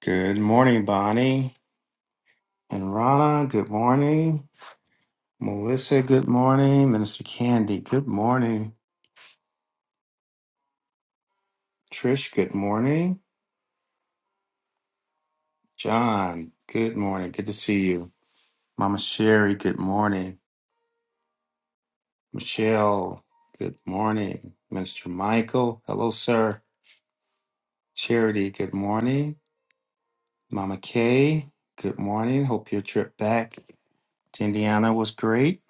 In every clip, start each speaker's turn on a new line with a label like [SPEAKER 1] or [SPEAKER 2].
[SPEAKER 1] Good morning, Bonnie and Rana. Good morning. Melissa, good morning. Minister Candy, good morning. Trish, good morning. John, good morning. Good to see you. Mama Sherry, good morning. Michelle, good morning. Minister Michael, hello, sir. Charity, good morning. Mama Kay, good morning. Hope your trip back to Indiana was great.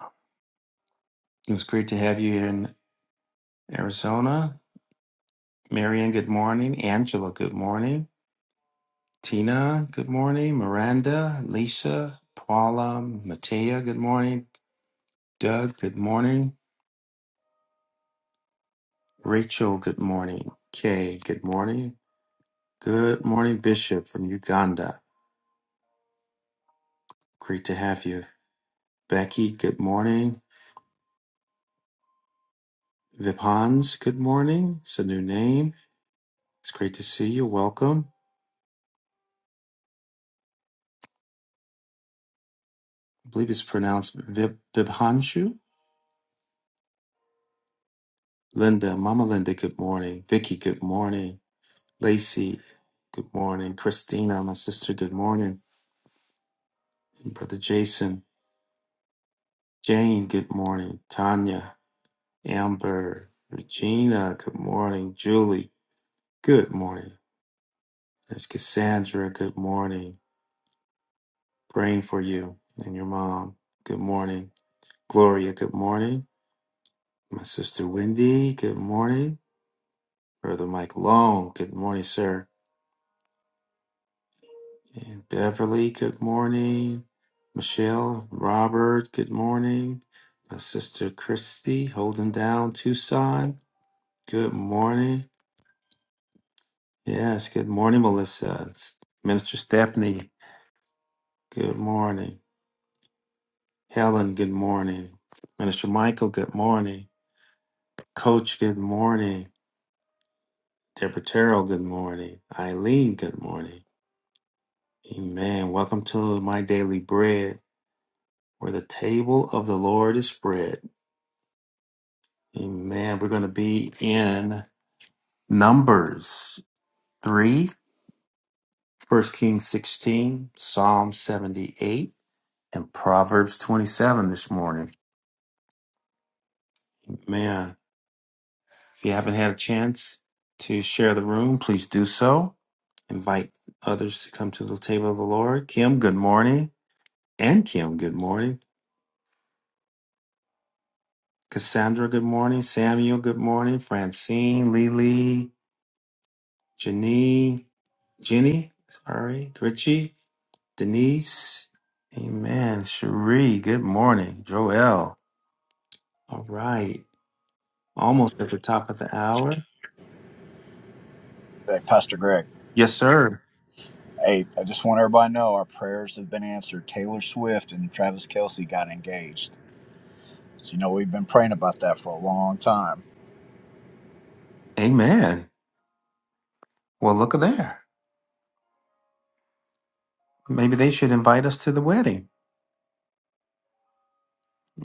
[SPEAKER 1] It was great to have you in Arizona. Marian, good morning. Angela, good morning. Tina, good morning. Miranda, Lisa, Paula, Matea, good morning. Doug, good morning. Rachel, good morning. Kay, good morning. Good morning, Bishop from Uganda. Great to have you. Becky, good morning. Vipans, good morning. It's a new name. It's great to see you. Welcome. I believe it's pronounced Vib- Vibhanshu. Linda, Mama Linda, good morning. Vicky, good morning. Lacey, good morning. Christina, my sister, good morning. And Brother Jason, Jane, good morning. Tanya, Amber, Regina, good morning. Julie, good morning. There's Cassandra, good morning. Praying for you and your mom, good morning. Gloria, good morning. My sister Wendy, good morning. Brother Mike Long, good morning, sir. And Beverly, good morning. Michelle, Robert, good morning. My sister Christy, holding down Tucson. Good morning. Yes, good morning, Melissa. S- Minister Stephanie, good morning. Helen, good morning. Minister Michael, good morning. Coach, good morning. Deborah Terrell, good morning. Eileen, good morning. Amen. Welcome to my daily bread, where the table of the Lord is spread. Amen. We're going to be in Numbers 3, First 1 Kings 16, Psalm 78, and Proverbs 27 this morning. Man, if you haven't had a chance to share the room, please do so. Invite others to come to the table of the Lord. Kim, good morning. And Kim, good morning. Cassandra, good morning. Samuel, good morning. Francine, Lily, Janine, Jenny, sorry, Richie. Denise, amen. Cherie, good morning. Joel, all right. Almost at the top of the hour.
[SPEAKER 2] Hey, Pastor Greg.
[SPEAKER 1] Yes, sir.
[SPEAKER 2] Hey, I just want everybody to know our prayers have been answered. Taylor Swift and Travis Kelsey got engaged. So, you know, we've been praying about that for a long time.
[SPEAKER 1] Amen. Well, look at there. Maybe they should invite us to the wedding.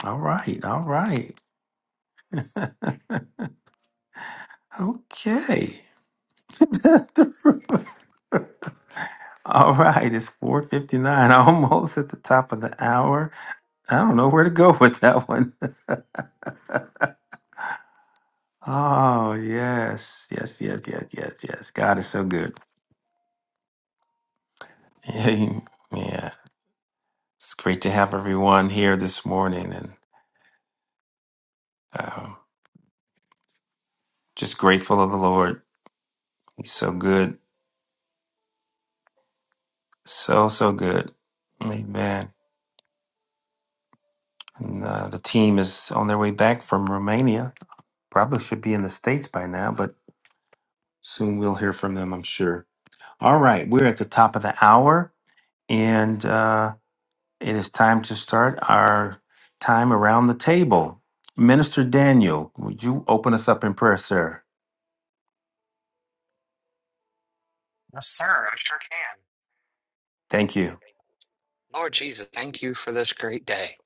[SPEAKER 1] All right. All right. okay. All right, it's 4:59, almost at the top of the hour. I don't know where to go with that one. Oh, yes. Yes, yes, yes, yes, yes. God is so good. Amen. It's great to have everyone here this morning and um just grateful of the Lord. He's so good, so, so good. Amen. And uh, the team is on their way back from Romania. Probably should be in the States by now, but soon we'll hear from them, I'm sure. All right, we're at the top of the hour and uh, it is time to start our time around the table. Minister Daniel, would you open us up in prayer, sir?
[SPEAKER 3] Yes, sir. I sure can.
[SPEAKER 1] Thank you.
[SPEAKER 3] Lord Jesus, thank you for this great day.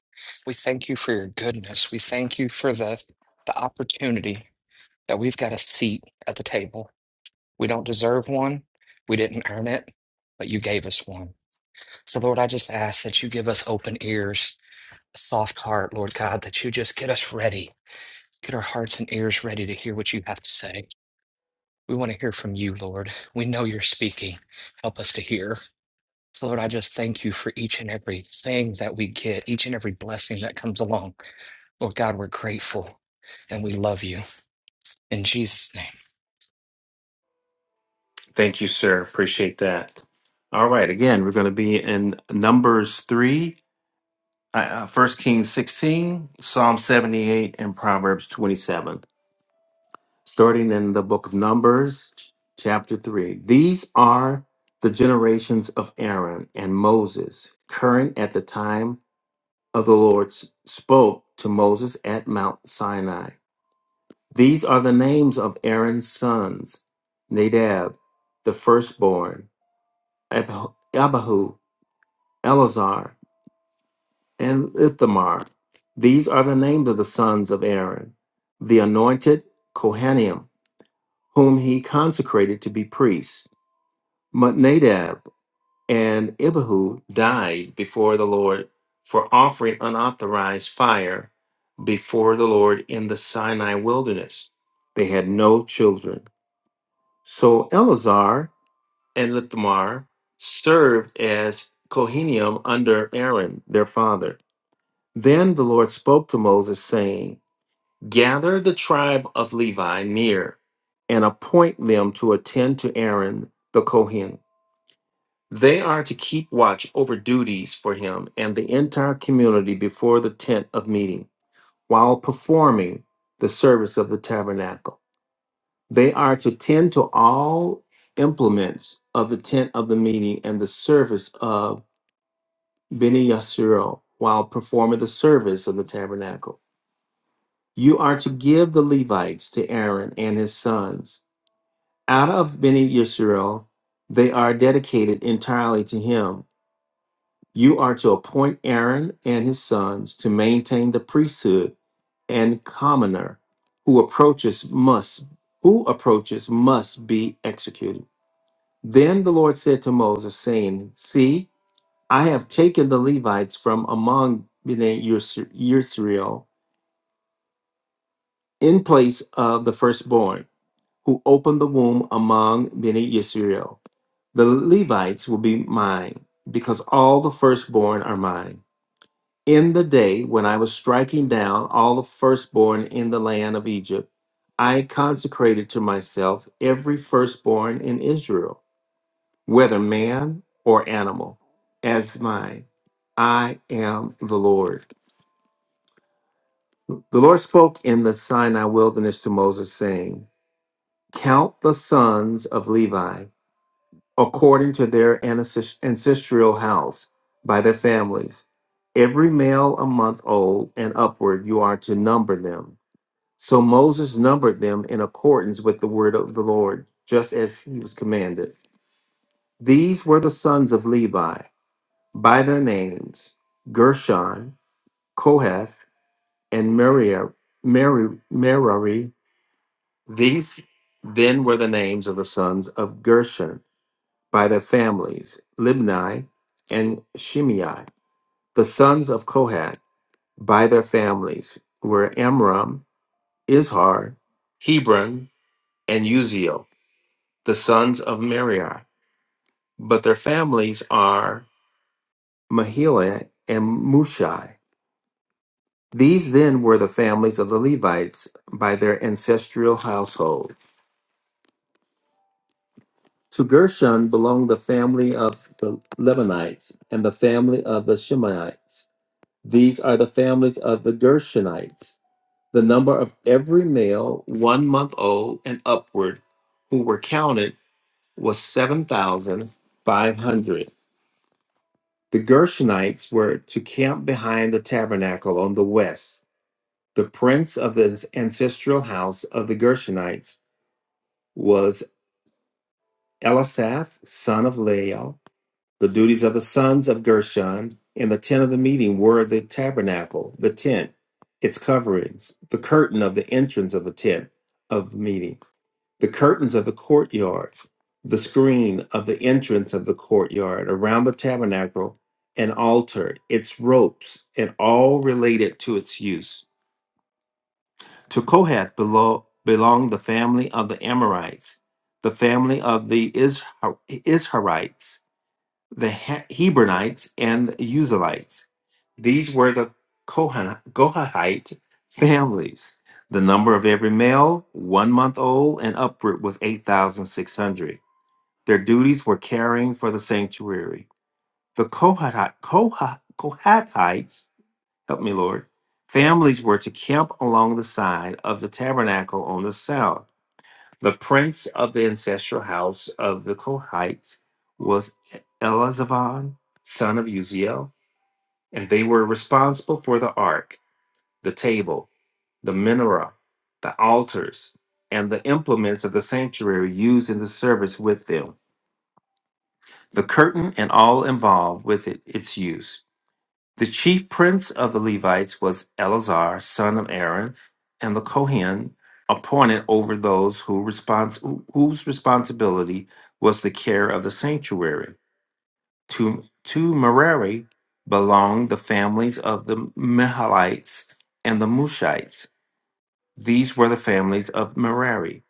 [SPEAKER 3] We thank you for your goodness. We thank you for the the opportunity that we've got a seat at the table. We don't deserve one. We didn't earn it, but you gave us one. So Lord, I just ask that you give us open ears, a soft heart, Lord God, that you just get us ready. Get our hearts and ears ready to hear what you have to say. We want to hear from you, Lord. We know you're speaking. Help us to hear. So, Lord, I just thank you for each and every thing that we get, each and every blessing that comes along. Lord God, we're grateful and we love you in Jesus' name.
[SPEAKER 1] Thank you, sir. Appreciate that. All right. Again, we're going to be in Numbers 3, uh, uh, Kings 16, Psalm 78, and Proverbs 27, starting in the book of Numbers, chapter 3. These are the generations of Aaron and Moses, current at the time of the Lord s- spoke to Moses at Mount Sinai. These are the names of Aaron's sons Nadab, the firstborn. Abihu, Elazar, and Ithamar. These are the names of the sons of Aaron, the anointed Kohanim, whom he consecrated to be priests. But Nadab and Abihu died before the Lord for offering unauthorized fire before the Lord in the Sinai wilderness. They had no children. So Elazar and Ithamar served as Kohanim under Aaron, their father. Then the Lord spoke to Moses, saying, Gather the tribe of Levi near and appoint them to attend to Aaron the Kohen. They are to keep watch over duties for him and the entire community before the tent of meeting while performing the service of the tabernacle. They are to tend to all implements of the tent of the meeting and the service of Beni Yasiro while performing the service of the tabernacle. You are to give the Levites to Aaron and his sons. Out of Beni Yasiro, they are dedicated entirely to him. You are to appoint Aaron and his sons to maintain the priesthood and commoner who approaches must who approaches must be executed. Then the Lord said to Moses, saying, See, I have taken the Levites from among Bnei Yis- Yisrael in place of the firstborn, who opened the womb among Bnei Yisrael. The Levites will be mine, because all the firstborn are mine. In the day when I was striking down all the firstborn in the land of Egypt, I consecrated to myself every firstborn in Israel whether man or animal, as mine. I am the Lord. The Lord spoke in the Sinai wilderness to Moses, saying, Count the sons of Levi according to their ancest- ancestral house by their families. Every male a month old and upward, you are to number them. So Moses numbered them in accordance with the word of the Lord, just as he was commanded. These were the sons of Levi. by their names Gershon, Kohath, and Merari. Merari, Merari. These then were the names of the sons of Gershon by their families Libni and Shimei. The sons of Kohath by their families were Amram, Izhar, Hebron, and Uziel, the sons of Merari. But their families are Mahila and Mushai These then were the families of the Levites by their ancestral household. To Gershon belonged the family of the Lebanites and the family of the Shemaites. These are the families of the Gershonites. The number of every male one month old and upward who were counted was 7,500. The Gershonites were to camp behind the tabernacle on the west. The prince of the ancestral house of the Gershonites was Elisaph, son of Lael. The duties of the sons of Gershon in the tent of the meeting were the tabernacle, the tent, its coverings, the curtain of the entrance of the tent of meeting, the curtains of the courtyard, the screen of the entrance of the courtyard around the tabernacle, an altar, its ropes, and all related to its use. To Kohath belo- belonged the family of the Amorites, the family of the Ishar- Isharites, the He- Hebronites, and the Uzalites. These were the Kohan- Kohathite families. The number of every male, one month old and upward, was 8,600. Their duties were caring for the sanctuary. The Kohathi- Koha- Kohathites Help me, Lord. Families were to camp along the side of the tabernacle on the south. The prince of the ancestral house of the Kohites was Elazaphan, son of Uziel, and they were responsible for the ark, the table, the menorah, the altars, and the implements of the sanctuary used in the service with them, the curtain and all involved with it, its use. The chief prince of the Levites was Eleazar, son of Aaron, and the Kohen appointed over those who respons- whose responsibility was the care of the sanctuary. To, to Merari belonged the families of the Mahalites and the Mushites. These were the families of Merari.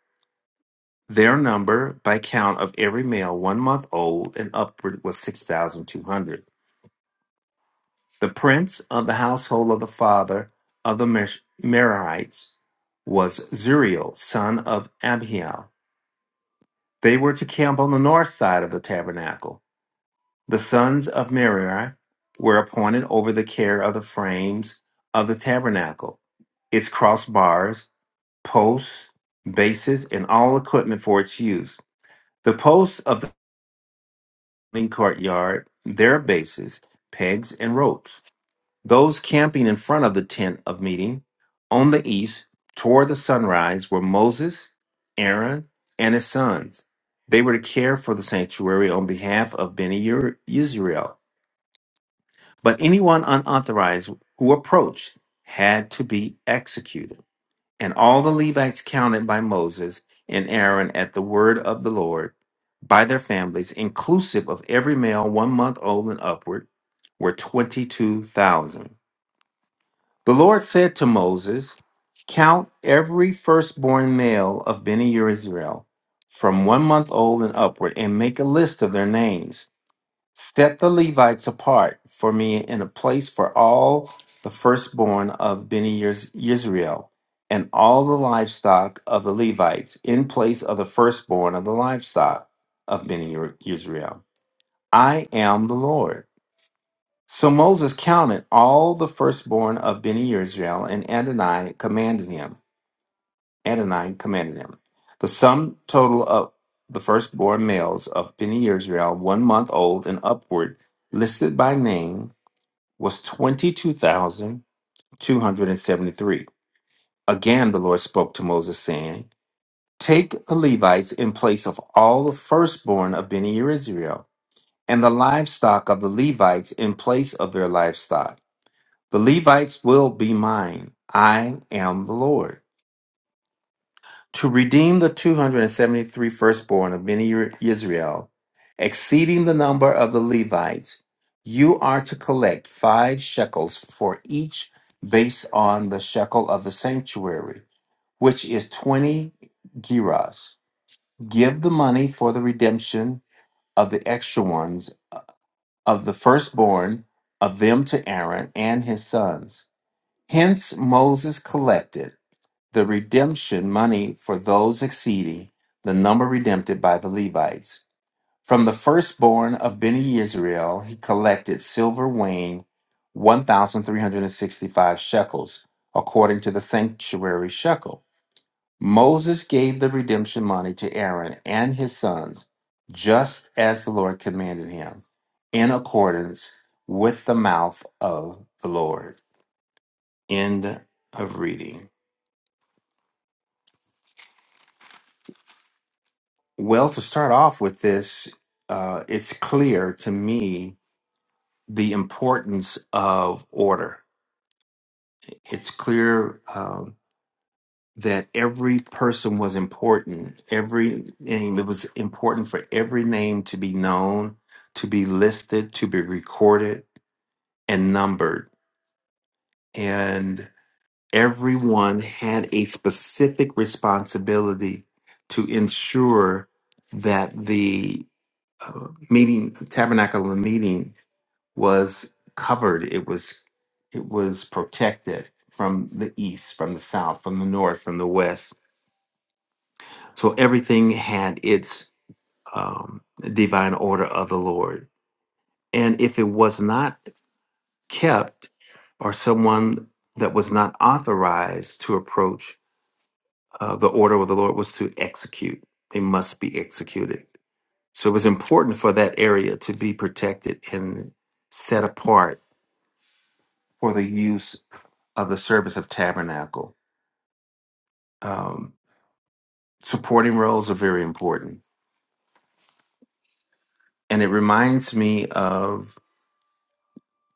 [SPEAKER 1] Their number, by count of every male one month old and upward, was 6,200. The prince of the household of the father of the Mer- Merarites was Zuriel, son of Abihail. They were to camp on the north side of the tabernacle. The sons of Merari were appointed over the care of the frames of the tabernacle, its crossbars, posts, bases, and all equipment for its use. The posts of the courtyard, their bases, pegs, and ropes. Those camping in front of the tent of meeting on the east toward the sunrise were Moses, Aaron, and his sons. They were to care for the sanctuary on behalf of Beni Ur- Israel. But anyone unauthorized who approached had to be executed. And all the Levites counted by Moses and Aaron at the word of the Lord by their families, inclusive of every male one month old and upward, were 22,000. The Lord said to Moses, Count every firstborn male of Beni Israel, from one month old and upward, and make a list of their names. Set the Levites apart for me in a place for all the firstborn of Beni Israel, and all the livestock of the Levites, in place of the firstborn of the livestock of Beni Israel. I am the Lord. So Moses counted all the firstborn of Beni Israel, and Adonai commanded him. Adonai commanded him. The sum total of the firstborn males of Beni Israel, one month old and upward, listed by name, was 22,273. Again, the Lord spoke to Moses, saying, Take the Levites in place of all the firstborn of Beni Israel, and the livestock of the Levites in place of their livestock The Levites will be mine. I am the Lord. To redeem the 273 firstborn of many Israel, exceeding the number of the Levites, you are to collect five shekels for each based on the shekel of the sanctuary, which is 20 gerahs. Give the money for the redemption of the extra ones uh, of the firstborn of them to Aaron and his sons. Hence Moses collected. the redemption money for those exceeding the number redempted by the Levites. From the firstborn of Beni Israel, he collected silver weighing 1,365 shekels, according to the sanctuary shekel. Moses gave the redemption money to Aaron and his sons, just as the Lord commanded him, in accordance with the mouth of the Lord. End of reading. Well, to start off with this, uh, it's clear to me the importance of order. It's clear um, that every person was important. Every name, it was important for every name to be known, to be listed, to be recorded, and numbered. And everyone had a specific responsibility to ensure that the uh, meeting, tabernacle of the meeting, was covered. It was it was protected from the east, from the south, from the north, from the west. So everything had its um, divine order of the Lord. And if it was not kept, or someone that was not authorized to approach, uh, the order of the Lord was to execute. They must be executed. So it was important for that area to be protected and set apart for the use. of the service of tabernacle. Um, supporting roles are very important. And it reminds me of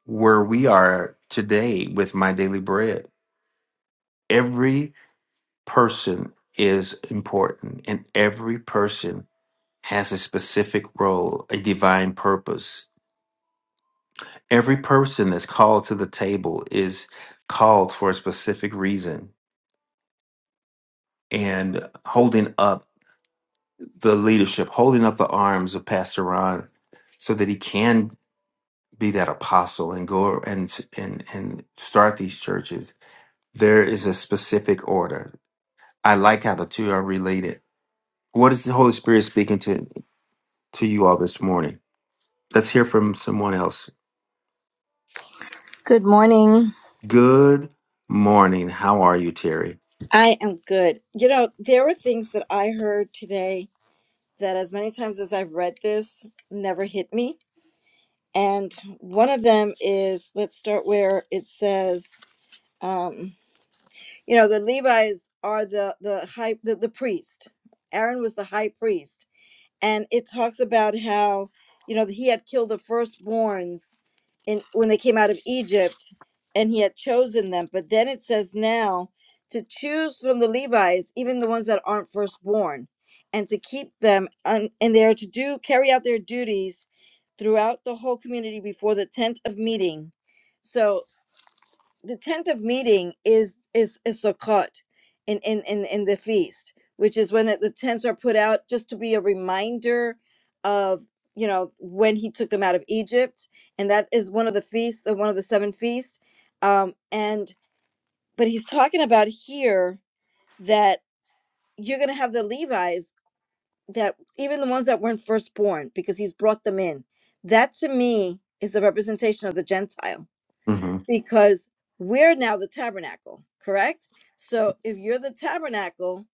[SPEAKER 1] where we are today with My Daily Bread. Every person is important, and every person has a specific role, a divine purpose. Every person that's called to the table is called for a specific reason. And holding up the leadership, holding up the arms of Pastor Ron so that he can be that apostle and go and and and start these churches there is a specific order i like how the two are related what is the holy spirit speaking to to you all this morning let's hear from someone else
[SPEAKER 4] Good morning.
[SPEAKER 1] good morning how are you terry
[SPEAKER 4] I am good. You know, there were things that I heard today that, as many times as I've read this, never hit me. And one of them is let's start where it says, um, you know, the Levites are the the high the, the priest. Aaron was the high priest and it talks about how you know he had killed the firstborns in when they came out of Egypt and he had chosen them but then it says now to choose from the Levites even the ones that aren't firstborn and to keep them un, and they are to do carry out their duties throughout the whole community before the tent of meeting So the tent of meeting is is is Sukkot in in in in the feast, which is when it, the tents are put out just to be a reminder of you know when he took them out of Egypt, and that is one of the feasts, the one of the seven feasts. Um, and but he's talking about here that you're going to have the Levites that even the ones that weren't firstborn because he's brought them in. That to me is the representation of the Gentile
[SPEAKER 1] mm-hmm.
[SPEAKER 4] because we're now the tabernacle, correct? So if you're the tabernacle,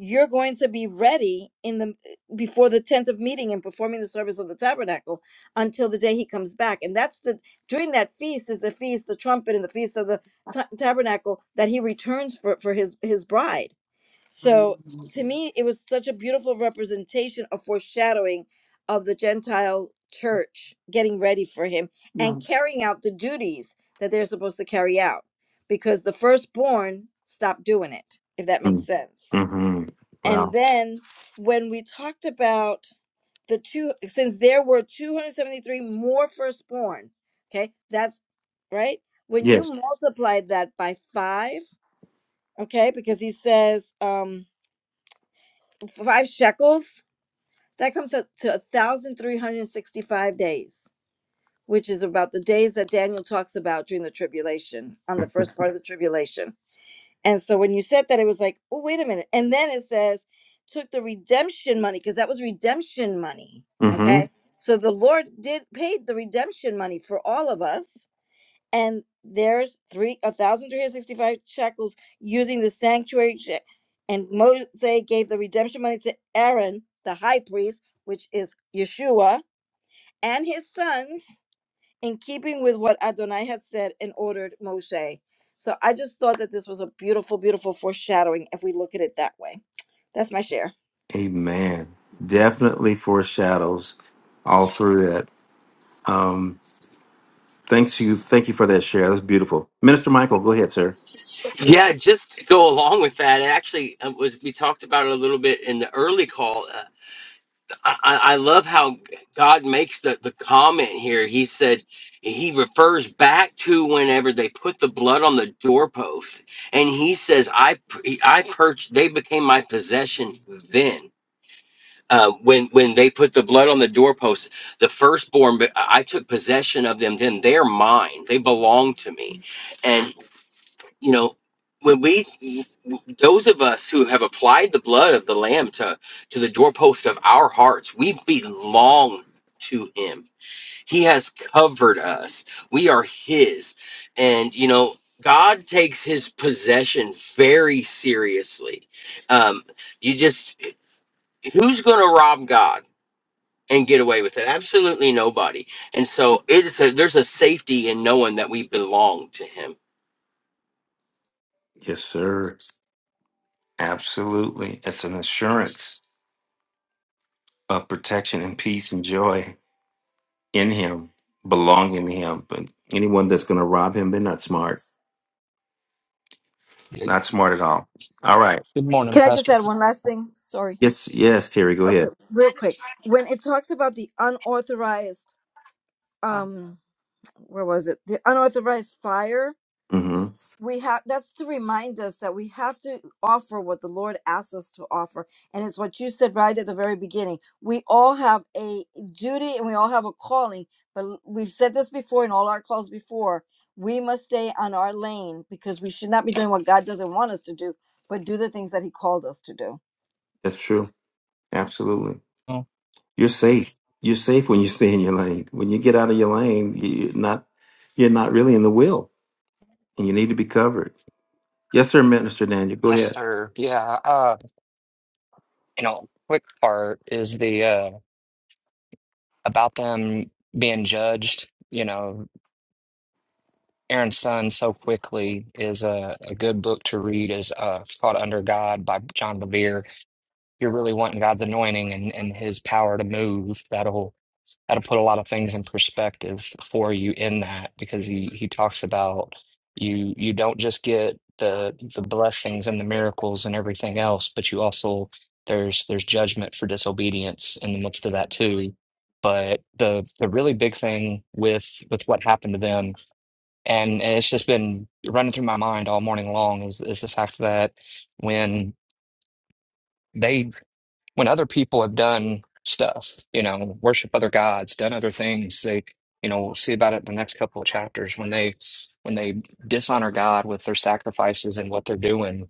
[SPEAKER 4] you're going to be ready in the before the tent of meeting and performing the service of the tabernacle until the day he comes back. And that's the during that feast is the feast, the trumpet, and the feast of the ta- tabernacle that he returns for for his his bride. So to me, it was such a beautiful representation of foreshadowing of the Gentile church getting ready for him and carrying out the duties that they're supposed to carry out because the firstborn stopped doing it, if that makes sense.
[SPEAKER 1] Mm-hmm.
[SPEAKER 4] And
[SPEAKER 1] wow
[SPEAKER 4] then when we talked about the two, since there were 273 more firstborn, okay, that's right. When you
[SPEAKER 1] yes
[SPEAKER 4] multiply that by five, okay, because he says, um, five shekels, that comes up to 1,365 days, which is about the days that Daniel talks about during the tribulation, on the first part of the tribulation. And so when you said that, it was like, oh, wait a minute. And then it says, took the redemption money, because that was redemption money.
[SPEAKER 1] mm-hmm.
[SPEAKER 4] Okay. So the Lord did paid the redemption money for all of us and there's three a thousand three hundred sixty five shekels using the sanctuary she- and Moshe gave the redemption money to Aaron the high priest which is Yeshua and his sons in keeping with what Adonai had said and ordered Moshe so I just thought that this was a beautiful beautiful foreshadowing if we look at it that way that's my share
[SPEAKER 1] amen definitely foreshadows all through that Um, Thanks you. Thank you for that share. That's beautiful. Minister Michael, go ahead, sir.
[SPEAKER 5] Yeah, just to go along with that, it actually uh, was we talked about it a little bit in the early call. Uh, I, I I love how God makes the, the comment here. He said he refers back to whenever they put the blood on the doorpost, and he says, "I p- I purged. They became my possession then." Uh, when when they put the blood on the doorpost, the firstborn, but I I took possession of them. Then they're mine. They belong to me, and you know when we those of us who have applied the blood of the lamb to to the doorpost of our hearts we belong to him he has covered us we are his and you know god takes his possession very seriously um you just who's going to rob god and get away with it absolutely nobody and so it's a there's a safety in knowing that we belong to him
[SPEAKER 1] Yes, sir. Absolutely. It's an assurance of protection and peace and joy in Him, belonging to Him. But anyone that's going to rob Him, they're not smart. Not smart at all. All right.
[SPEAKER 3] Good morning,
[SPEAKER 4] Can I just
[SPEAKER 3] Pastor.
[SPEAKER 4] add one last thing? Sorry.
[SPEAKER 1] Yes, yes, Terry, go
[SPEAKER 4] Okay,
[SPEAKER 1] ahead.
[SPEAKER 4] real quick. When it talks about the unauthorized, um, where was it? The unauthorized fire.
[SPEAKER 1] hmm
[SPEAKER 4] We have that's to remind us that we have to offer what the Lord asks us to offer, and it's what you said right at the very beginning. We all have a duty and we all have a calling, but l- we've said this before in all our calls before. We must stay on our lane because we should not be doing what God doesn't want us to do, but do the things that He called us to do.
[SPEAKER 1] That's true. Absolutely.
[SPEAKER 3] Oh,
[SPEAKER 1] You're safe. You're safe when you stay in your lane. When you get out of your lane, you're not you're not really in the will, and you need to be covered. Yes, sir, Minister Daniel. Go
[SPEAKER 3] Yes,
[SPEAKER 1] ahead.
[SPEAKER 3] sir. Yeah. Uh, you know, quick part is the uh, about them being judged. You know, Aaron's son so quickly is a, a good book to read. is uh, It's called Under God by John Bevere. If you're really wanting God's anointing and, and His power to move. That'll how to put a lot of things in perspective for you in that because he he talks about you you don't just get the the blessings and the miracles and everything else but you also there's there's judgment for disobedience in the midst of that too but the the really big thing with with what happened to them and, and it's just been running through my mind all morning long is is the fact that when they when other people have done stuff, you know, worship other gods, done other things, they, you know, we'll see about it in the next couple of chapters when they when they dishonor God with their sacrifices and what they're doing,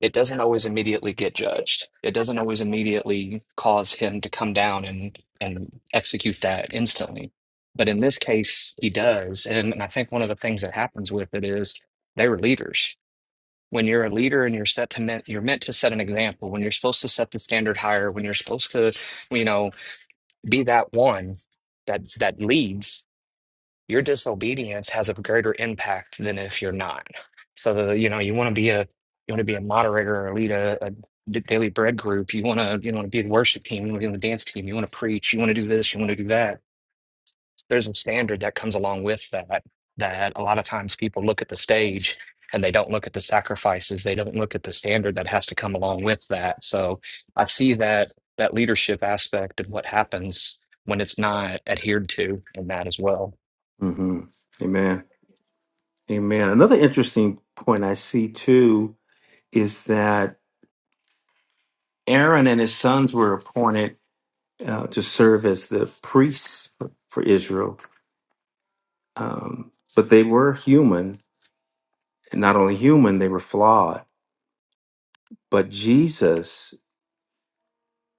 [SPEAKER 3] it doesn't always immediately get judged. It doesn't always immediately cause him to come down and and execute that instantly. But in this case, he does. And, and I think one of the things that happens with it is they were leaders when you're a leader and you're set to meant you're meant to set an example when you're supposed to set the standard higher when you're supposed to you know be that one that that leads your disobedience has a greater impact than if you're not so the you know you want to be a you want to be a moderator or lead a, a d- daily bread group you want to you want to be the worship team you want to be on the dance team you want to preach you want to do this you want to do that there's a standard that comes along with that that a lot of times people look at the stage and they don't look at the sacrifices they don't look at the standard that has to come along with that so i see that that leadership aspect of what happens when it's not adhered to in that as well
[SPEAKER 1] hmm Amen. Amen. Another interesting point I see too is that Aaron and his sons were appointed uh, to serve as the priests for, for Israel, um, but they were human, and not only human, they were flawed. But Jesus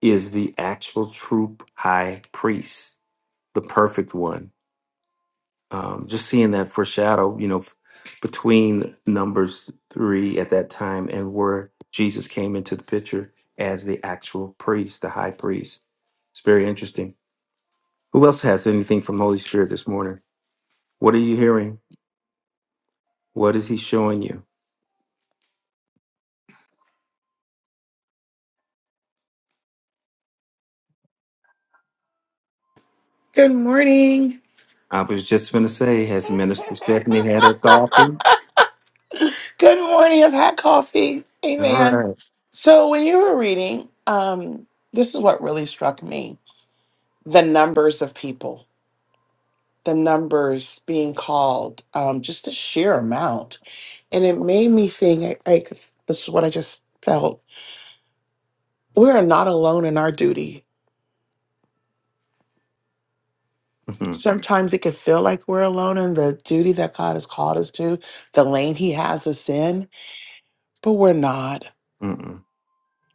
[SPEAKER 1] is the actual true high priest, the perfect one um, just seeing that foreshadow, you know, f- between Numbers three at that time and where Jesus came into the picture as the actual priest, the high priest. It's very interesting. Who else has anything from Holy Spirit this morning? What are you hearing? What is He showing you?
[SPEAKER 6] Good morning.
[SPEAKER 1] I was just going to say, has Minister Stephanie had her coffee?
[SPEAKER 6] Good morning. I've had coffee.
[SPEAKER 1] All
[SPEAKER 6] Amen.
[SPEAKER 1] right.
[SPEAKER 6] So when you were reading, um, this is what really struck me: the numbers of people, the numbers being called, um, just the sheer amount, and it made me think. Like this is what I just felt: we are not alone in our duty.
[SPEAKER 1] Mm-hmm.
[SPEAKER 6] Sometimes it can feel like we're alone in the duty that God has called us to, the lane He has us in, but we're not.
[SPEAKER 1] Mm-hmm.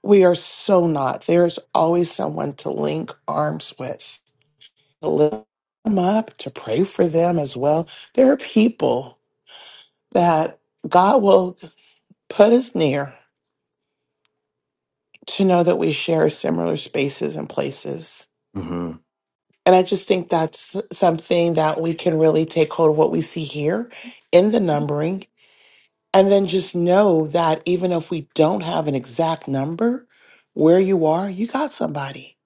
[SPEAKER 6] We are so not. There's always someone to link arms with, to lift them up, to pray for them as well. There are people that God will put us near to know that we share similar spaces and places.
[SPEAKER 1] Mm-hmm.
[SPEAKER 6] And I just think that's something that we can really take hold of what we see here in the numbering. And then just know that even if we don't have an exact number where you are, you got somebody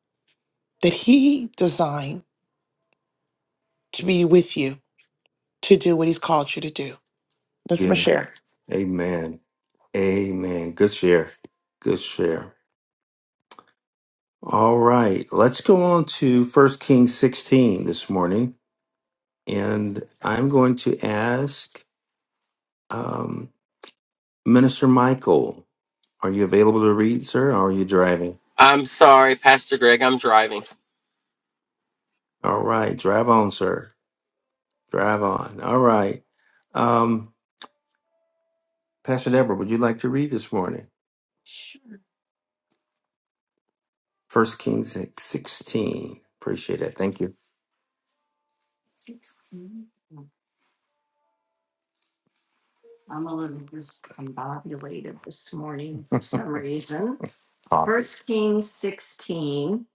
[SPEAKER 6] that He designed to be with you to do what He's called you to do. That's
[SPEAKER 1] Yeah.
[SPEAKER 6] my share.
[SPEAKER 1] Amen. Amen. Good share. Good share. All right. Let's go on to First Kings 16 this morning. And I'm going to ask um, Minister Michael. Are you available to read, sir, or are you driving?
[SPEAKER 5] i'm sorry pastor greg i'm driving
[SPEAKER 1] All right, drive on, sir. Drive on. All right. Um, Pastor Deborah, would you like to read this morning? First Kings 16. Appreciate it. Thank you. I'm a little discombobulated this morning for some reason. First Kings 16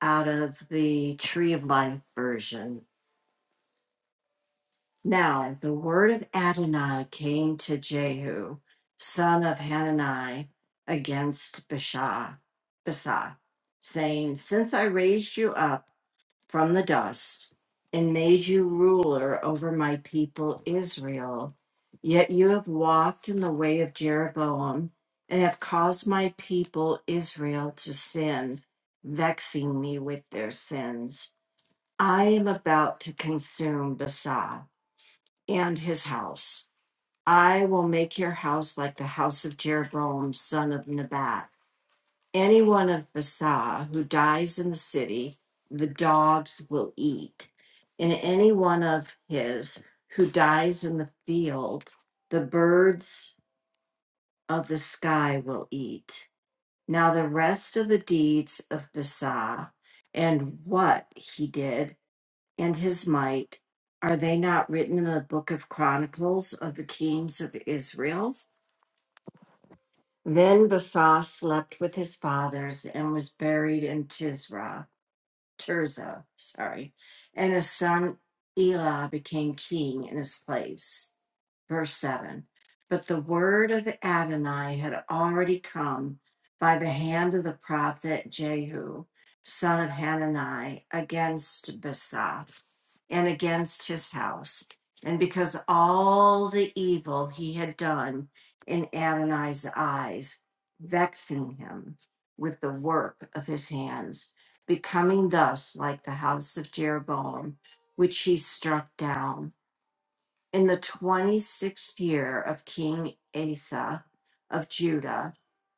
[SPEAKER 1] out of the Tree of Life version. Now the word of Adonai came to Jehu, son of Hanani, against Baasha, Baasha, saying, Since I raised you up from the dust and made you ruler over my people Israel, yet you have walked in the way of Jeroboam and have caused my people Israel to sin, vexing me with their sins. I am about to consume Baasha." and his house. I will make your house like the house of Jeroboam, son of Nebat. Anyone of Basah who dies in the city, the dogs will eat. And any one of his who dies in the field, the birds of the sky will eat. Now the rest of the deeds of Basah and what he did and his might, are they not written in the book of Chronicles of the kings of Israel? Then Basas slept with his fathers and was buried in Tisra. Tirzah, sorry, and his son Elah became king in his place. Verse 7 But the word of Adonai had already come by the hand of the prophet Jehu, son of Hanani, against Basaph and against his house, and because all the evil he had done in Adonai's eyes, vexing him with the work of his hands becoming thus like the house of Jeroboam, which he struck down. In the 26th year of King Asa of Judah,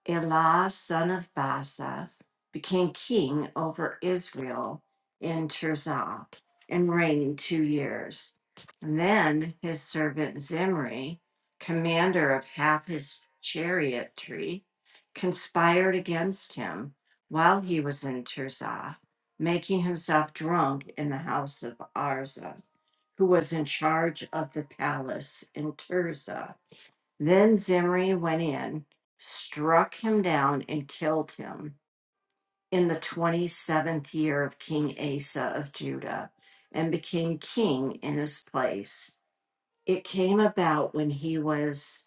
[SPEAKER 1] Elah, son of Basa, became king over Israel in Tirzah and reigned two years. And then his servant Zimri, commander of half his chariotry, conspired against him while he was in Tirzah, making himself drunk in the house of Arza who was in charge of the palace in Tirzah. Then Zimri went in, struck him down, and killed him in the 27th year of King Asa of Judah, and became king in his place. It came about when he was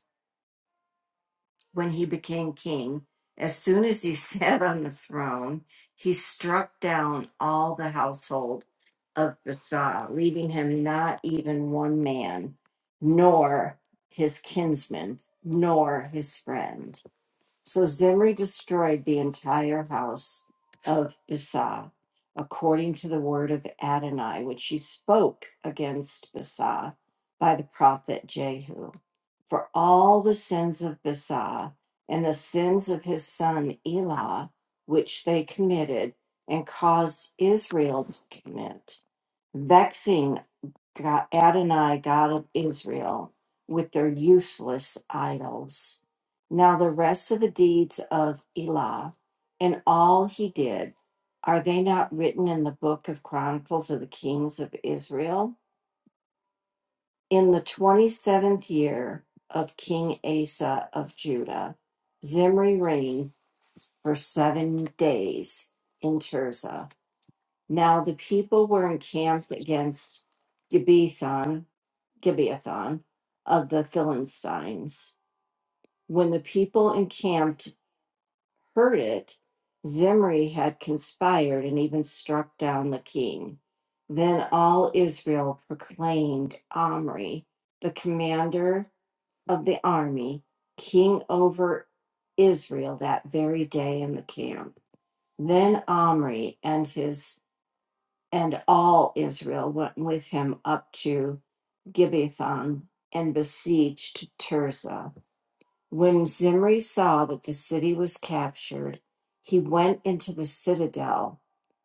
[SPEAKER 1] when he became king, as soon as he sat on the throne, he struck down all the household of Basa, leaving him not even one man, nor his kinsman, nor his friend. So Zimri destroyed the entire house of Basah, according to the word of Adonai, which he spoke against Basah by the prophet Jehu. For all the sins of Basah and the sins of his son Elah, which they committed and caused Israel to commit, vexing God, Adonai, God of Israel, with their useless idols. Now, the rest of the deeds of Elah and all he did, are they not written in the book of Chronicles of the Kings of Israel? In the 27th year of King Asa of Judah, Zimri reigned for seven days in Tirzah. Now, the people were encamped against Gibbethon Gibeathon of the Philistines. When the people encamped heard it, Zimri had conspired and even struck down the king. Then all Israel proclaimed Omri, the commander of the army, king over Israel that very day in the camp. Then Omri and his and all Israel went with him up to Gibbethon and besieged Tirzah. When Zimri saw that the city was captured, he went into the citadel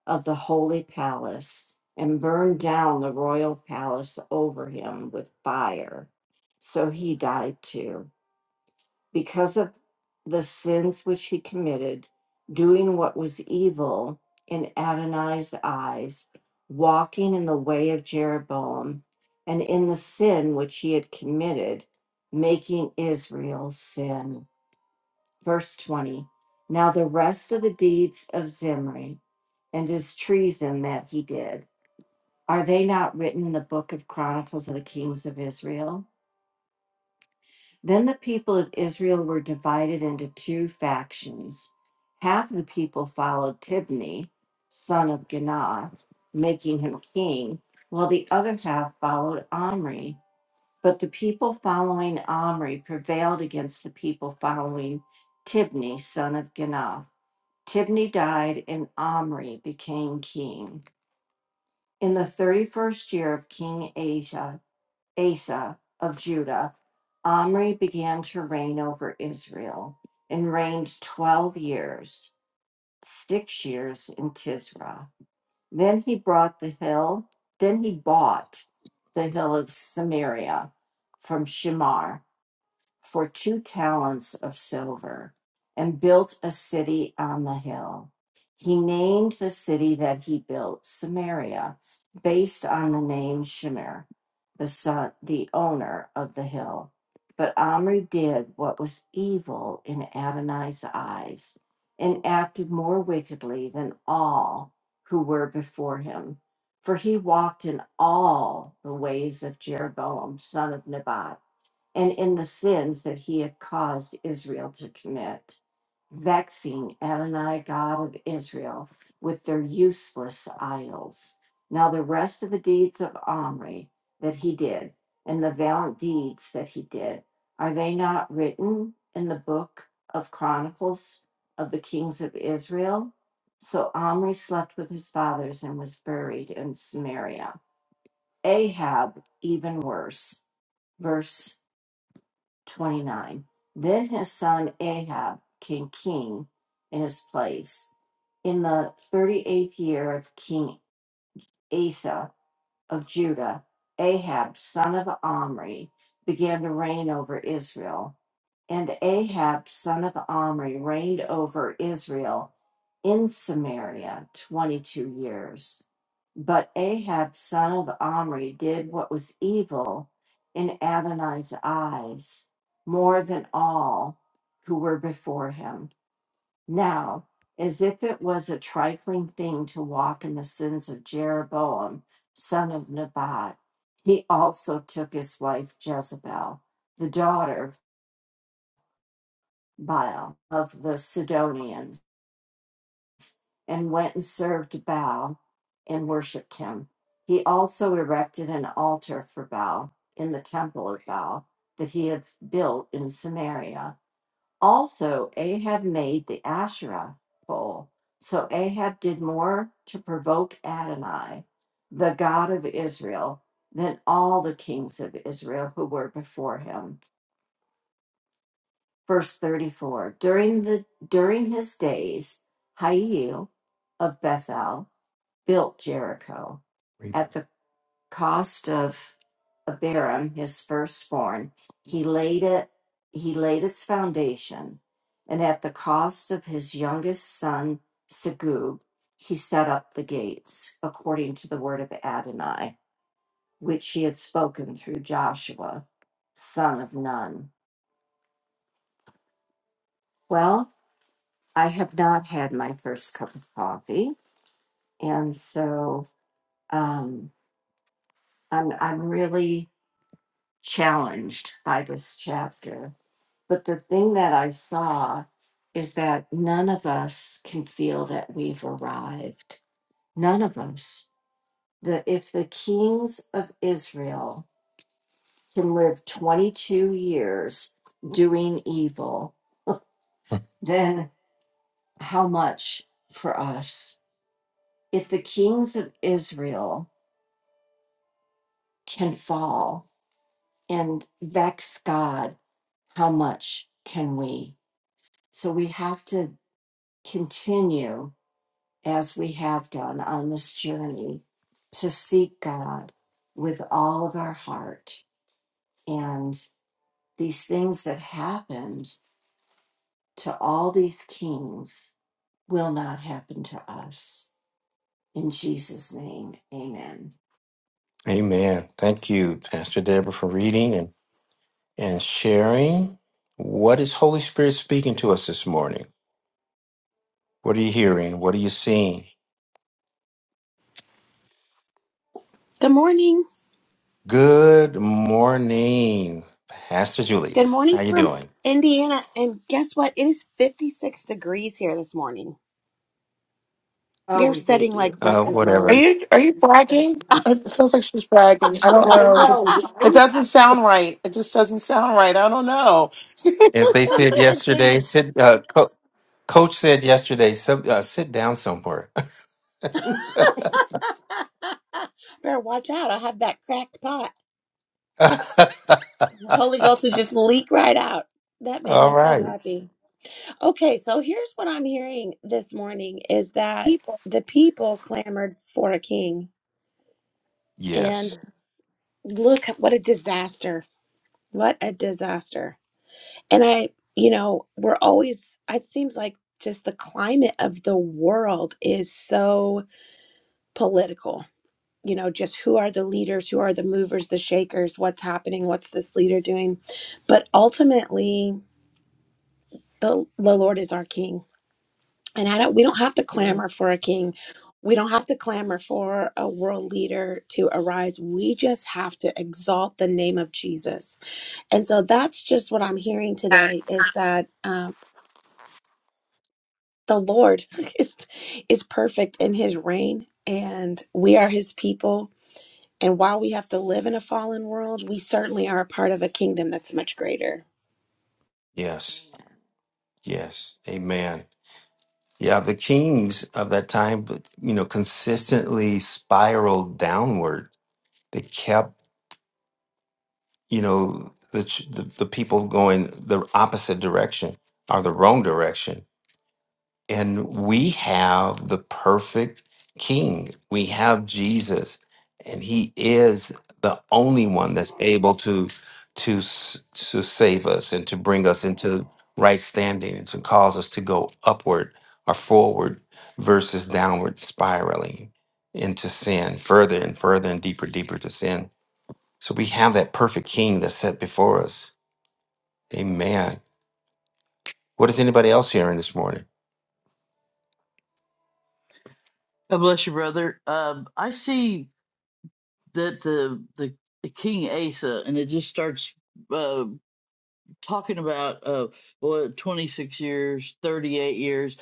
[SPEAKER 1] of the holy palace and burned down the royal palace over him with fire. So he died too because of the sins which he committed, doing what was evil in Adonai's eyes, walking in the way of Jeroboam, and in the sin which he had committed, making Israel sin. Verse 20 Now the rest of the deeds of Zimri and his treason that he did, are they not written in the book of Chronicles of the Kings of Israel? Then the people of Israel were divided into two factions. Half the people followed Tibni, son of Ganah, making him king, while the other half followed Omri. But the people following Omri prevailed against the people following Tibni, son of Ganah. Tibni died, and Omri became king. In the 31st year of King Asa. Asa of Judah, Omri began to reign over Israel and reigned 12 years, six years in Tisra. Then he brought the hill, then he bought the hill of Samaria from Shemar for two talents of silver and built a city on the hill. He named the city that he built Samaria, based on the name Shemer, the son, the owner of the hill. But Omri did what was evil in Adonai's eyes, and acted more wickedly than all who were before him. For he walked in all the ways of Jeroboam, son of Nebat and in the sins that he had caused Israel to commit, vexing Adonai, God of Israel, with their useless idols. Now, the rest of the deeds of Omri that he did, and the valiant deeds that he did, are they not written in the book of Chronicles of the kings of Israel? So Omri slept with his fathers and was buried in Samaria. Ahab, even worse. Verse 29. Then his son Ahab became king in his place in the 38th year of King Asa of Judah, Ahab, son of Omri, began to reign over Israel. And Ahab, son of Omri, reigned over Israel in Samaria 22 years. But Ahab, son of Omri, did what was evil in Adonai's eyes, more than all who were before him. Now, as if it was a trifling thing to walk in the sins of Jeroboam, son of Nebat, he also took his wife Jezebel, the daughter of Baal of the Sidonians, and went and served Baal and worshipped him. He also erected an altar for Baal in the temple of Baal that he had built in Samaria Also, Ahab made the Asherah pole. So Ahab did more to provoke Adonai, the God of Israel, than all the kings of Israel who were before him. Verse 34 During, the, during his days, Hiel of Bethel built Jericho Read. at the cost of Abiram, his firstborn, he laid it he laid its foundation, and at the cost of his youngest son Segub, he set up the gates, according to the word of Adonai, which he had spoken through Joshua, son of Nun. Well, I have not had my first cup of coffee, and so um, I'm I'm really challenged by this chapter But the thing that I saw is that none of us can feel that we've arrived. None of us. The, if the kings of Israel can live 22 years doing evil, then how much for us? If the kings of Israel can fall and vex God, how much can we? So we have to continue as we have done on this journey to seek God with all of our heart. And these things that happened to all these kings will not happen to us. In Jesus' name, amen. Amen. Thank you, Pastor Deborah, for reading and, and sharing. What is Holy Spirit speaking to us this morning? What are you hearing? What are you seeing?
[SPEAKER 7] Good morning.
[SPEAKER 1] Good morning, Pastor Julie.
[SPEAKER 7] Good morning
[SPEAKER 1] How you
[SPEAKER 7] from
[SPEAKER 1] doing?
[SPEAKER 7] Indiana. And guess what? It is 56 degrees here this morning. We
[SPEAKER 1] Oh,
[SPEAKER 7] are
[SPEAKER 1] we
[SPEAKER 7] setting
[SPEAKER 1] hate
[SPEAKER 7] like
[SPEAKER 1] you. Uh,
[SPEAKER 7] record
[SPEAKER 6] Are
[SPEAKER 1] whatever.
[SPEAKER 7] lows.
[SPEAKER 6] you are you bragging? It feels like she's bragging. I don't
[SPEAKER 1] I
[SPEAKER 6] know.
[SPEAKER 1] know,
[SPEAKER 7] Ah,
[SPEAKER 6] Just it
[SPEAKER 1] right?
[SPEAKER 6] doesn't sound right. It just doesn't sound right. I don't know.
[SPEAKER 1] If they
[SPEAKER 7] some
[SPEAKER 1] said
[SPEAKER 7] good
[SPEAKER 1] yesterday,
[SPEAKER 7] things.
[SPEAKER 1] sit. Uh, co- coach said yesterday, sub, uh, sit down somewhere.
[SPEAKER 7] Better watch out. I'll have that cracked pot. The Holy Ghost will just leak right out. That made me
[SPEAKER 1] All
[SPEAKER 7] so
[SPEAKER 1] right.
[SPEAKER 7] happy. Okay, so here's what I'm hearing this morning is that
[SPEAKER 8] people
[SPEAKER 7] the people clamored for a king. And
[SPEAKER 1] Yes.
[SPEAKER 7] look, what a disaster. What a disaster. And I, you know, we're always, it seems like just the climate of the world is so political. You know, just who are the leaders, who are the movers, the shakers, what's happening, what's this leader doing. But ultimately, the, the Lord is our king. And I don't, we don't have to
[SPEAKER 1] Mm.
[SPEAKER 7] clamor for a king. We don't have to clamor for a world leader to arise. We just have to exalt the name of Jesus. And so that's just what I'm hearing
[SPEAKER 8] that
[SPEAKER 7] today is that um, the Lord is is perfect in his reign and we are his people and while we have to live in a fallen world, we certainly are a part of a kingdom that's much greater.
[SPEAKER 1] Yes. Yes. Amen. Yeah, the kings of that time, you know, consistently spiraled downward. They kept, you know, the, ch- the the people going the opposite direction or the wrong direction. And we have the perfect King. We have Jesus, and He is the only one that's able to to s- to save us and to bring us into right standing and to cause us to go upward or forward versus downward spiraling into sin further and further and deeper deeper to sin so we have that perfect king that's set before us. Amen. What is anybody else hearing this morning?
[SPEAKER 9] God bless you, brother. Um, I see that the the, the King Asa, and it just starts uh, talking about uh, what twenty six years, thirty eight years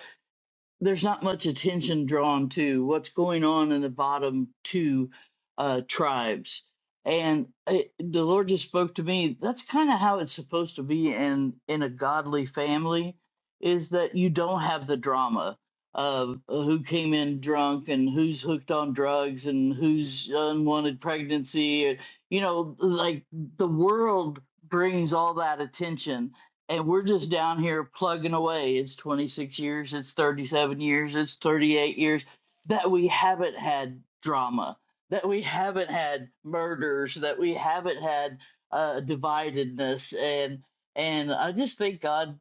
[SPEAKER 9] there's not much attention drawn to what's going on in the bottom two uh, tribes. And it, the Lord just spoke to me. That's kind of how it's supposed to be in in a godly family, is that you don't have the drama of uh, who came in drunk and who's hooked on drugs and who's unwanted pregnancy. You know, like the world brings all that attention and we're just down here plugging away. It's 26 years, it's 37 years, it's 38 years that we haven't had drama, that we haven't had murders, that we haven't had uh, dividedness, and and I just thank God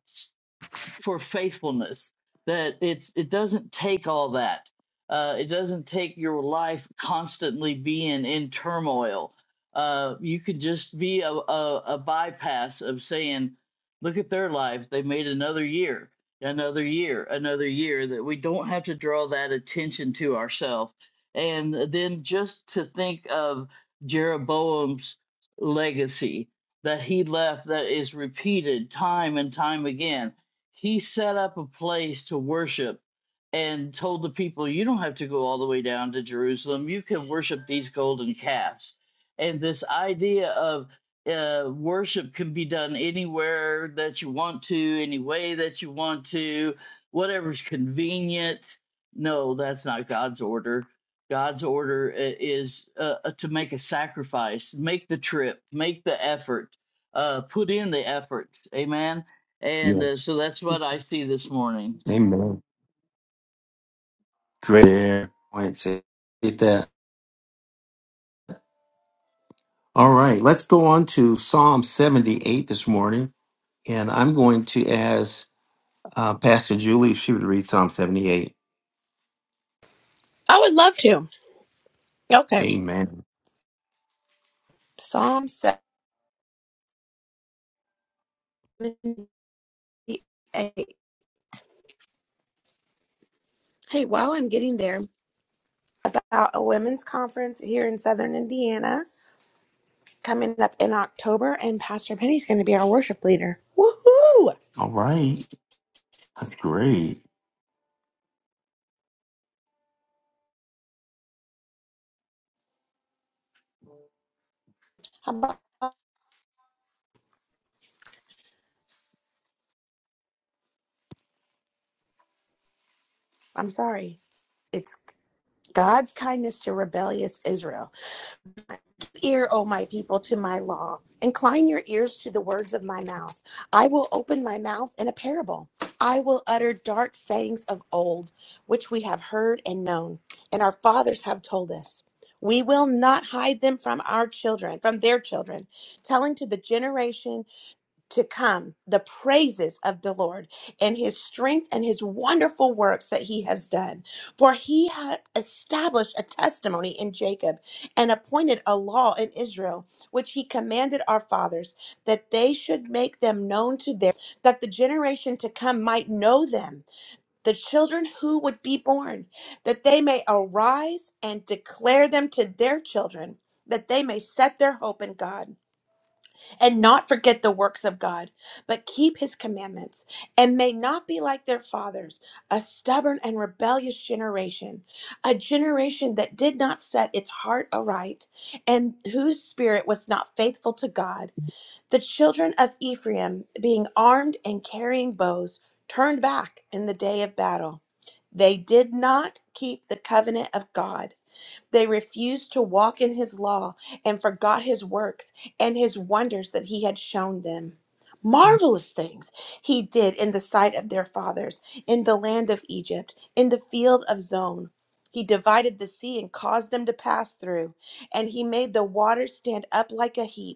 [SPEAKER 9] for faithfulness that it's it doesn't take all that uh, it doesn't take your life constantly being in turmoil uh, you could just be a, a, a bypass of saying look at their life they made another year another year another year that we don't have to draw that attention to ourselves and then just to think of jeroboam's legacy that he left that is repeated time and time again he set up a place to worship and told the people, you don't have to go all the way down to Jerusalem. You can worship these golden calves. And this idea of uh, worship can be done anywhere that you want to, any way that you want to, whatever's convenient. No, that's not God's order. God's order i- is uh, uh, to make a sacrifice, make the trip, make the effort, uh, put in the effort. Amen and uh,
[SPEAKER 1] Yes.
[SPEAKER 9] so that's what I see this morning.
[SPEAKER 1] Amen. Great points. Get that. All right. Let's go on to Psalm 78 this morning. And I'm going to ask uh, Pastor Julie if she would read Psalm 78.
[SPEAKER 7] I would love to. Okay.
[SPEAKER 1] Amen.
[SPEAKER 7] Psalm 78. Hey, while I'm getting there, about a women's conference here in Southern Indiana coming up in October and Pastor Penny's going to be our worship leader. Woohoo!
[SPEAKER 1] All right. That's great.
[SPEAKER 7] How about- I'm sorry. It's God's kindness to rebellious Israel. ear, O my people, to my law. Incline your ears to the words of my mouth. I will open my mouth in a parable. I will utter dark sayings of old, which we have heard and known, and our fathers have told us. We will not hide them from our children, from their children, telling to the generation to come the praises of the Lord and his strength and his wonderful works that he has done. For he had established a testimony in Jacob and appointed a law in Israel, which he commanded our fathers that they should make them known to their, that the generation to come might know them, the children who would be born, that they may arise and declare them to their children, that they may set their hope in God and not forget the works of God, but keep his commandments, and may not be like their fathers, a stubborn and rebellious generation, a generation that did not set its heart aright, and whose spirit was not faithful to God. The children of Ephraim, being armed and carrying bows, turned back in the day of battle. They did not keep the covenant of God they refused to walk in his law and forgot his works and his wonders that he had shown them. Marvelous things he did in the sight of their fathers, in the land of Egypt, in the field of Zon. He divided the sea and caused them to pass through, and he made the waters stand up like a heap.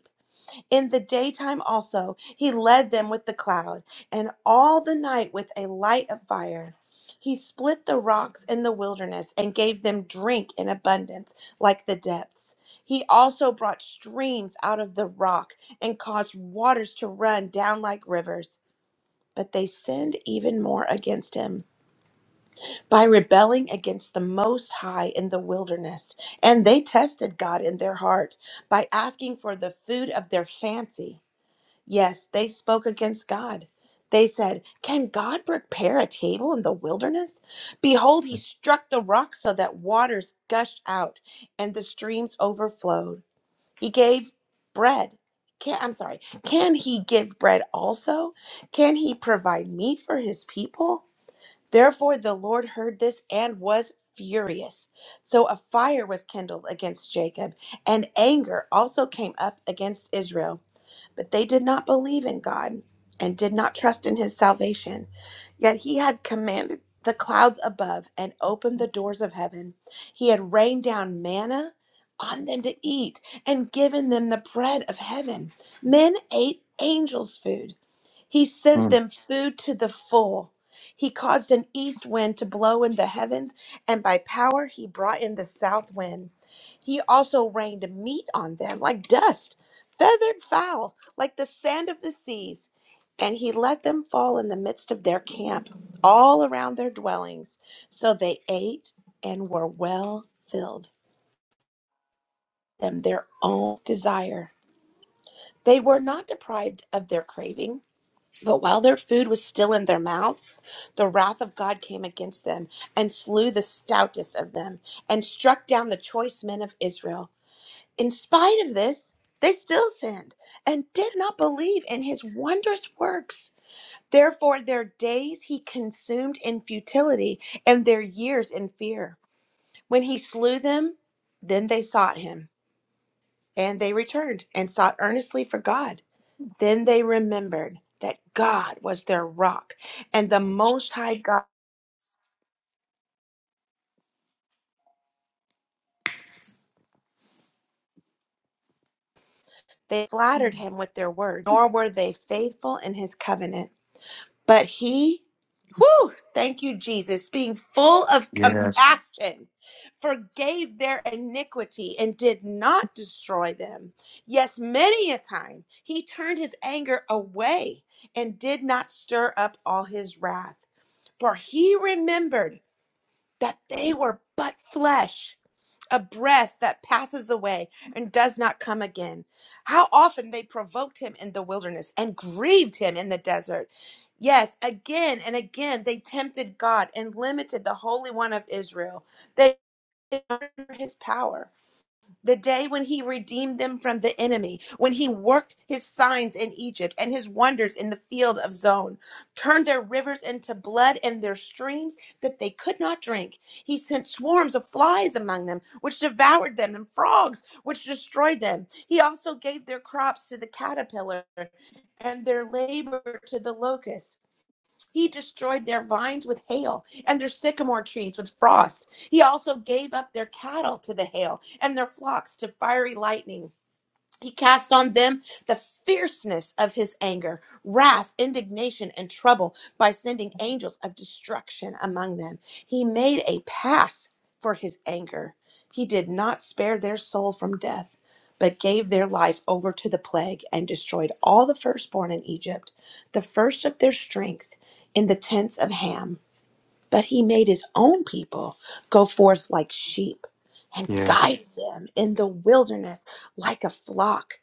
[SPEAKER 7] In the daytime also he led them with the cloud, and all the night with a light of fire. He split the rocks in the wilderness and gave them drink in abundance, like the depths. He also brought streams out of the rock and caused waters to run down like rivers. But they sinned even more against him by rebelling against the Most High in the wilderness. And they tested God in their heart by asking for the food of their fancy Yes, they spoke against God. They said, Can God prepare a table in the wilderness? Behold, he
[SPEAKER 1] Mm.
[SPEAKER 7] struck the rock so that waters gushed out and the streams overflowed. He gave bread. Can, I'm sorry. Can he give bread also? Can he provide meat for his people? Therefore, the Lord heard this and was furious. So a fire was kindled against Jacob, and anger also came up against Israel. But they did not believe in God and did not trust in his salvation. Yet he had commanded the clouds above and opened the doors of heaven. He had rained down manna on them to eat and given them the bread of heaven. Men ate angels' food. He sent them food to the full. He caused an east wind to blow in the heavens, and by power he brought in the south wind. He also rained meat on them like dust, feathered fowl like the sand of the seas, and he let them fall in the midst of their camp, all around their dwellings. So they ate and were well filled, and their own desire. They were not deprived of their craving, but while their food was still in their mouths, the wrath of God came against them and slew the stoutest of them and struck down the choice men of Israel. In spite of this, they still sinned and did not believe in his wondrous works. Therefore, their days he consumed in futility, and their years in fear. When he slew them, then they sought him, and they returned and sought earnestly for God. Then they remembered that God was their rock and the Most High God. They flattered
[SPEAKER 1] Mm.
[SPEAKER 7] him with their word, nor were they faithful in his covenant. But he, whew, thank you, Jesus, being full of compassion, forgave their iniquity and did not destroy them. Yes, many a time he turned his anger away and did not stir up all his wrath, for he remembered that they were but flesh a breath that passes away and does not come again. How often they provoked him in the wilderness and grieved him in the desert. Yes, again and again they tempted God and limited the Holy One of Israel. They did not honor his power the day when he redeemed them from the enemy, when he worked his signs in Egypt and his wonders in the field of Zon, turned their rivers into blood and their streams that they could not drink. He sent swarms of flies among them, which devoured them, and frogs, which destroyed them. He also gave their crops to the caterpillar and their labor to the locust. He destroyed their vines with hail and their sycamore trees with frost. He also gave up their cattle to the hail and their flocks to fiery lightning. He cast on them the fierceness of his anger, wrath, indignation, and trouble by sending angels of destruction among them. He made a path for his anger. He did not spare their soul from death, but gave their life over to the plague and destroyed all the firstborn in Egypt, the first of their strength in the tents of Ham but he made his own people go forth like sheep and
[SPEAKER 1] Yes.
[SPEAKER 7] guided them in the wilderness like a flock.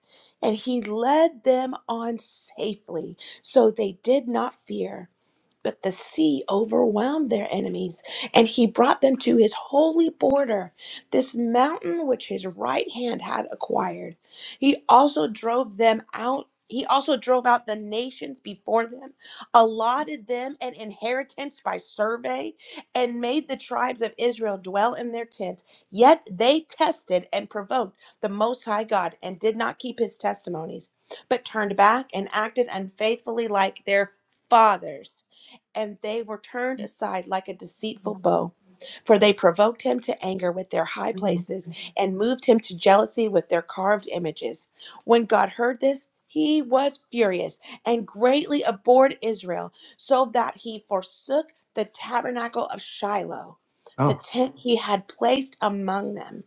[SPEAKER 7] And he led them on safely, so they did not fear. But the sea overwhelmed their enemies, and he brought them to his holy border, this mountain which his right hand had acquired. He also drove them out. He also drove out the nations before them, allotted them an inheritance by survey, and made the tribes of Israel dwell in their tents. Yet they tested and provoked the Most High God and did not keep his testimonies, but turned back and acted unfaithfully like their fathers and they were turned aside like a deceitful bow. For they provoked him to anger with their high places, and moved him to jealousy with their carved images. When God heard this, he was furious and greatly abhorred Israel, so that he forsook the tabernacle of Shiloh, the
[SPEAKER 1] Oh.
[SPEAKER 7] tent he had placed among them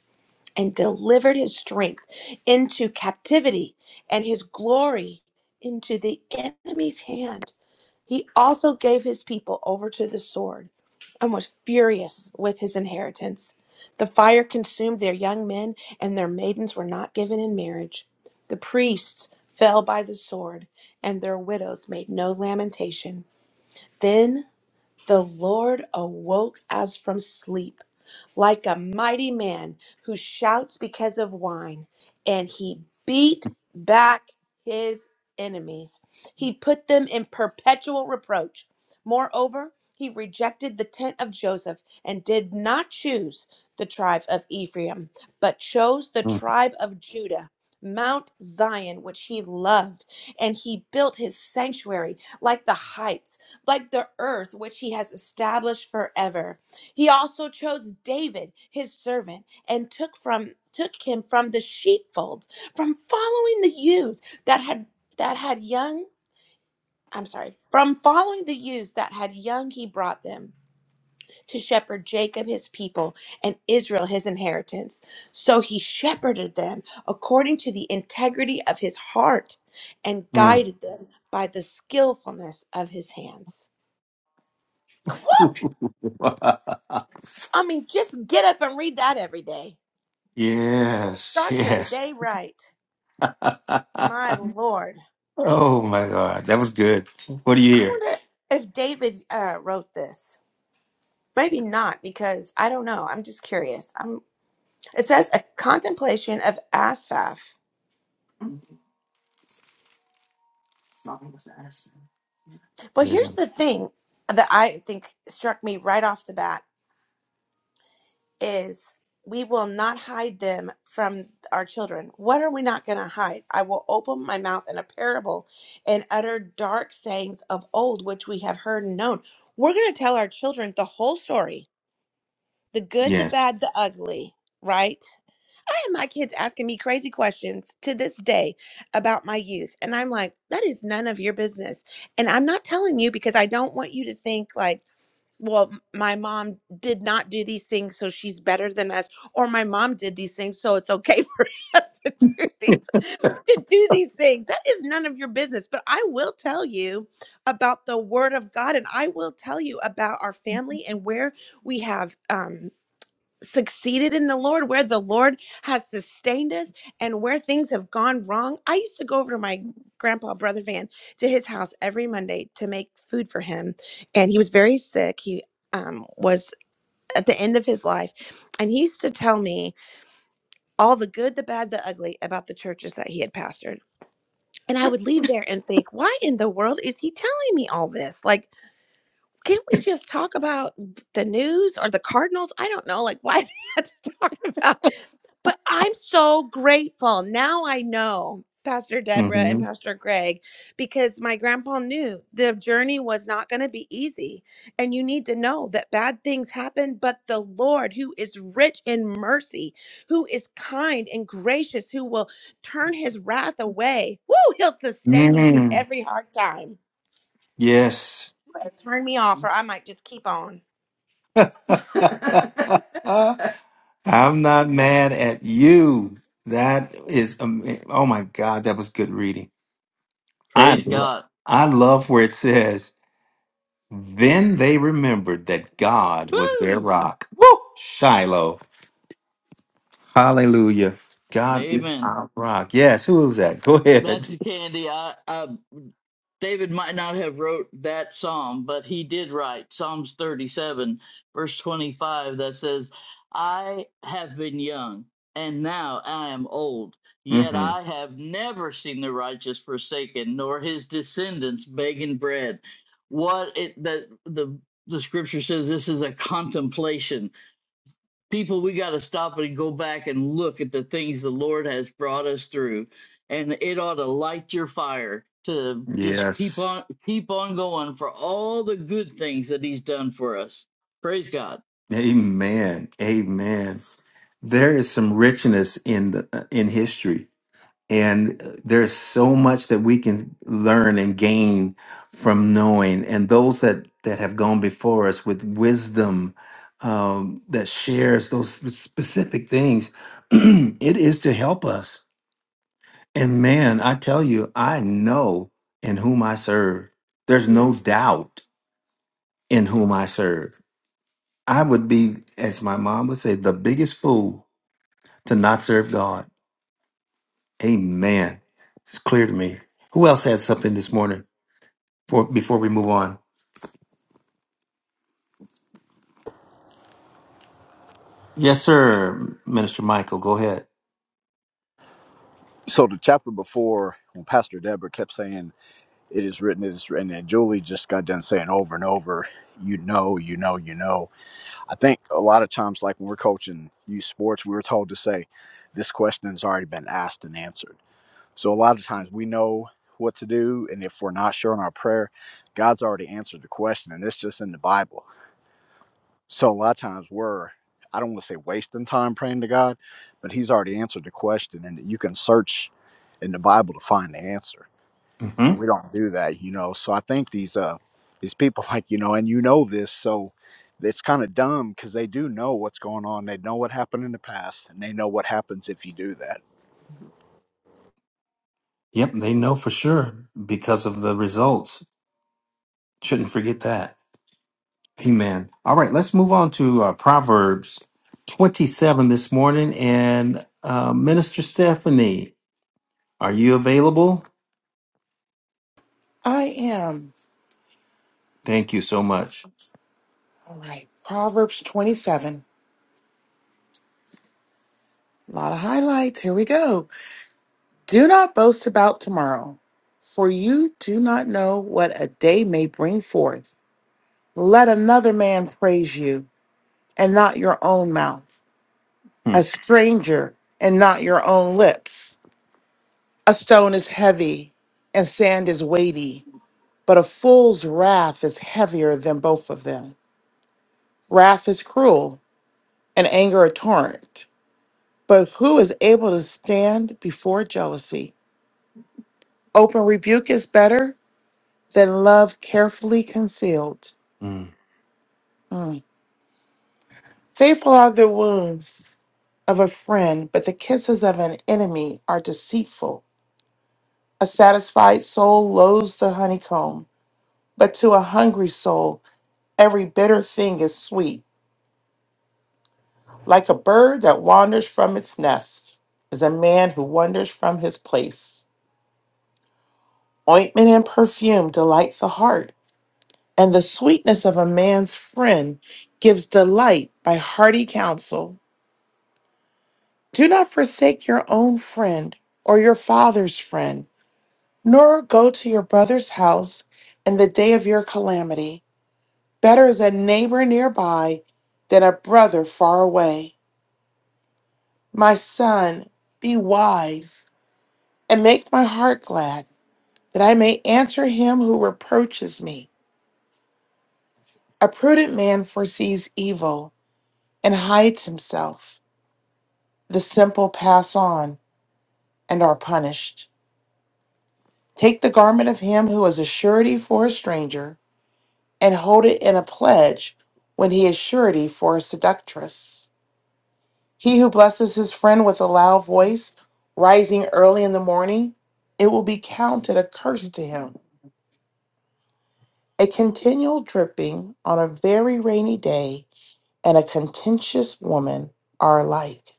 [SPEAKER 7] and delivered his strength into captivity and his glory into the enemy's hand. He also gave his people over to the sword and was furious with his inheritance. The fire consumed their young men, and their maidens were not given in marriage. The priests fell by the sword, and their widows made no lamentation. Then the Lord awoke as from sleep like a mighty man who shouts because of wine, and he beat back his enemies. He put them in perpetual reproach. Moreover, he rejected the tent of Joseph and did not choose the tribe of Ephraim, but chose the
[SPEAKER 1] Mm.
[SPEAKER 7] tribe of Judah, Mount Zion, which he loved. And he built his sanctuary like the heights, like the earth, which he has established forever. He also chose David, his servant, and took from took him from the sheepfold, from following the ewes that had that had young. I'm sorry, from following the ewes that had young, he brought them to shepherd Jacob his people and Israel his inheritance. So he shepherded them according to the integrity of his heart and
[SPEAKER 1] Mm.
[SPEAKER 7] guided them by the skillfulness of his hands. I mean, just get up and read that every day.
[SPEAKER 1] yes.
[SPEAKER 7] Start your
[SPEAKER 1] Yes.
[SPEAKER 7] day right. My Lord.
[SPEAKER 1] oh my God, that was good. What do you
[SPEAKER 7] I
[SPEAKER 1] hear?
[SPEAKER 7] wonder if David uh, wrote this. Maybe not, because I don't know. I'm just curious. I'm, it says a contemplation of Asaph. But
[SPEAKER 1] Yeah.
[SPEAKER 7] here's the thing that I think struck me right off the bat is we will not hide them from our children. What are we not going to hide? I will open my mouth in a parable and utter dark sayings of old, which we have heard and known. We're going to tell our children the whole story the good, the
[SPEAKER 1] Yes.
[SPEAKER 7] bad, the ugly, right? I have my kids asking me crazy questions to this day about my youth. And I'm like, that is none of your business. And I'm not telling you because I don't want you to think like, well, m- my mom did not do these things, so she's better than us, or my mom did these things, so it's okay for us to do these to do these things. That is none of your business. But I will tell you about the word of God, and I will tell you about our family and where we have. Um, succeeded in the Lord, where the Lord has sustained us, and where things have gone wrong. I used to go over to my grandpa, Brother Van, to his house every Monday to make food for him. And he was very sick. He um, was at the end of his life. And he used to tell me all the good, the bad, the ugly about the churches that he had pastored. And I would leave there and think, why in the world is he telling me all this? Like, can we just talk about the news or the Cardinals? I don't know. Like, why do we have to talk about? But I'm so grateful. Now I know Pastor Deborah and
[SPEAKER 1] hmm
[SPEAKER 7] Pastor Greg because my grandpa knew the journey was not going to be easy. And you need to know that bad things happen, but the Lord, who is rich in mercy, who is kind and gracious, who will turn his wrath away, woo, he'll sustain you through
[SPEAKER 1] Mm.
[SPEAKER 7] every hard time.
[SPEAKER 1] Yes.
[SPEAKER 7] Better Turn me off, or I might just keep on.
[SPEAKER 1] I'm not mad at you. That is, um, oh my God, that was good reading. I,
[SPEAKER 9] Praise
[SPEAKER 1] lo-
[SPEAKER 9] God.
[SPEAKER 1] I love where it says, then they remembered that God was their
[SPEAKER 9] Woo!
[SPEAKER 1] rock. Woo! Shiloh. Hallelujah. God is
[SPEAKER 9] Amen.
[SPEAKER 1] our rock. Yes. Who was that? Go ahead.
[SPEAKER 9] Betsy Candy, I, I, David might not have wrote that psalm, but he did write Psalms 37, verse 25, that says, I have been young, and now I am old. Yet
[SPEAKER 1] hmm
[SPEAKER 9] I have never seen the righteous forsaken, nor his descendants begging bread. What it that the the scripture says this is a contemplation people we got to stop and go back and look at the things the lord has brought us through and it ought to light your fire to just
[SPEAKER 1] Yes.
[SPEAKER 9] keep on keep on going for all the good things that he's done for us praise god
[SPEAKER 1] Amen. Amen. There is some richness in the uh, in history, and uh, there's so much that we can learn and gain from knowing. And those that that have gone before us with wisdom um, that shares those sp- specific things, it is to help us. And man, I tell you, I know in whom I serve. There's no doubt in whom I serve. I would be, as my mom would say, the biggest fool to not serve God. Amen. It's clear to me. Who else has something this morning for, before we move on? Yes, sir, Minister Michael. Go ahead.
[SPEAKER 2] So, the chapter before, when Pastor Deborah kept saying, It is written, it is written, and Julie just got done saying over and over, You know, you know, you know. I think a lot of times, like when we're coaching youth sports, we were told to say, This question has already been asked and answered So a lot of times we know what to do, and if we're not sure in our prayer, God's already answered the question, and it's just in the Bible. So a lot of times we're, I don't want to say wasting time praying to God, but He's already answered the question, and you can search in the Bible to find the answer.
[SPEAKER 1] hmm
[SPEAKER 2] And we don't do that, you know. So I think these uh these people like you know, and you know this, so it's kind of dumb because they do know what's going on. They know what happened in the past, and they know what happens if you do that
[SPEAKER 1] Yep, they know for sure because of the results. Shouldn't forget that. Amen. All right, let's move on to uh, Proverbs 27 this morning. And uh, Minister Stephanie, are you available?
[SPEAKER 6] I am.
[SPEAKER 1] Thank you so much.
[SPEAKER 6] All right. Proverbs 27. A lot of highlights. Here we go. Do not boast about tomorrow, for you do not know what a day may bring forth. Let another man praise you. and not your own mouth, a stranger and not your own lips. A stone is heavy and sand is weighty, but a fool's wrath is heavier than both of them. Wrath is cruel and anger a torrent, but who is able to stand before jealousy? Open rebuke is better than love carefully concealed.
[SPEAKER 1] Hmm.
[SPEAKER 6] Mm. Faithful are the wounds of a friend, but the kisses of an enemy are deceitful. A satisfied soul loathes the honeycomb, but to a hungry soul, every bitter thing is sweet. Like a bird that wanders from its nest is a man who wanders from his place. Ointment and perfume delight the heart, and the sweetness of a man's friend gives delight by hearty counsel. Do not forsake your own friend or your father's friend, nor go to your brother's house in the day of your calamity. Better is a neighbor nearby than a brother far away. My son, be wise and make my heart glad that I may answer him who reproaches me. A prudent man foresees evil and hides himself. The simple pass on and are punished. Take the garment of him who is a surety for a stranger and hold it in a pledge when he is surety for a seductress. He who blesses his friend with a loud voice, rising early in the morning, it will be counted a curse to him. A continual dripping on a very rainy day and a contentious woman are alike.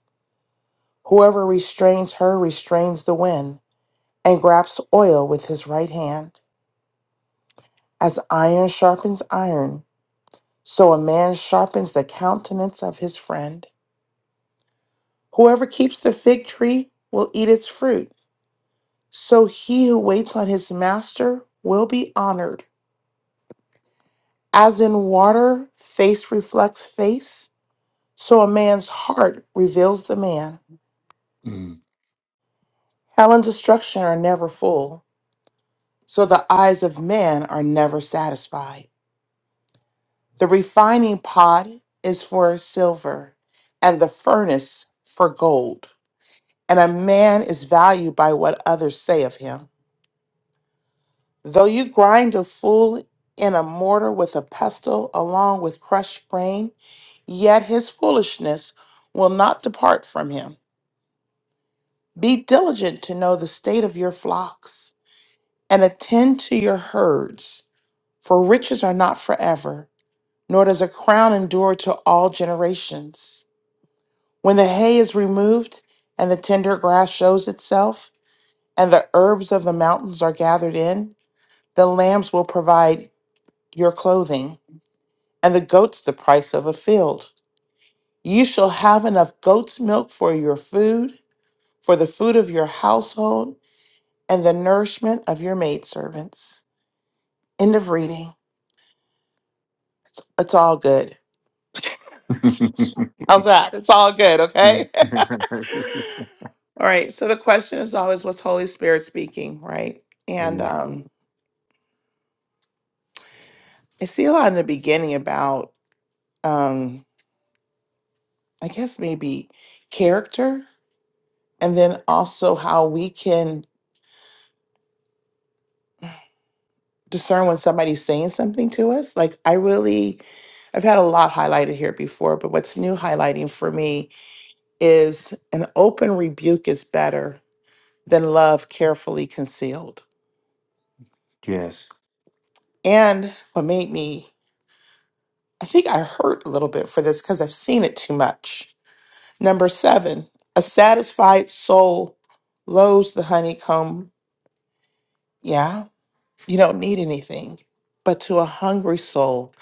[SPEAKER 6] Whoever restrains her restrains the wind and grasps oil with his right hand. As iron sharpens iron, so a man sharpens the countenance of his friend. Whoever keeps the fig tree will eat its fruit. So he who waits on his master will be honored. As in water, face reflects face, so a man's heart reveals the man.
[SPEAKER 1] Mm.
[SPEAKER 6] Hell and destruction are never full, so the eyes of man are never satisfied. The refining pot is for silver, and the furnace for gold. And a man is valued by what others say of him. Though you grind a fool in a mortar with a pestle along with crushed grain, yet his foolishness will not depart from him. Be diligent to know the state of your flocks and attend to your herds, for riches are not forever, nor does a crown endure to all generations. When the hay is removed and the tender grass shows itself, and the herbs of the mountains are gathered in, the lambs will provide your clothing, and the goats the price of a field. You shall have enough goat's milk for your food for the food of your household and the nourishment of your maidservants. End of reading. It's all good. How's that? It's all good, okay? all right. So the question is always what's Holy Spirit speaking, right? And
[SPEAKER 1] Amen.
[SPEAKER 6] um I see a lot in the beginning about um I guess maybe character and then also how we can discern when somebody's saying something to us. Like I really I've had a lot highlighted here before, but what's new highlighting for me is an open rebuke is better than love carefully concealed.
[SPEAKER 1] Yes.
[SPEAKER 6] And what made me, I think I hurt a little bit for this because I've seen it too much. Number seven, a satisfied soul loathes the honeycomb. Yeah, you don't need anything. But to a hungry soul,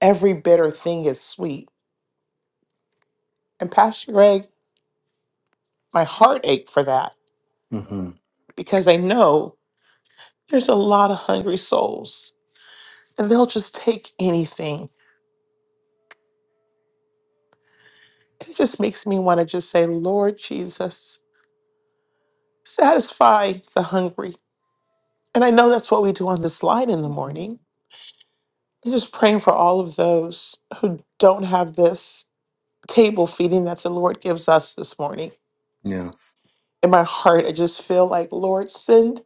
[SPEAKER 6] every bitter thing is sweet. And Pastor Greg, my heart ached for that
[SPEAKER 1] hmm
[SPEAKER 6] because I know there's a lot of hungry souls and they'll just take anything It just makes me want to just say, Lord Jesus, satisfy the hungry. And I know that's what we do on this line in the morning. I'm just praying for all of those who don't have this table feeding that the Lord gives us this morning.
[SPEAKER 1] Yeah.
[SPEAKER 6] In my heart, I just feel like, Lord, send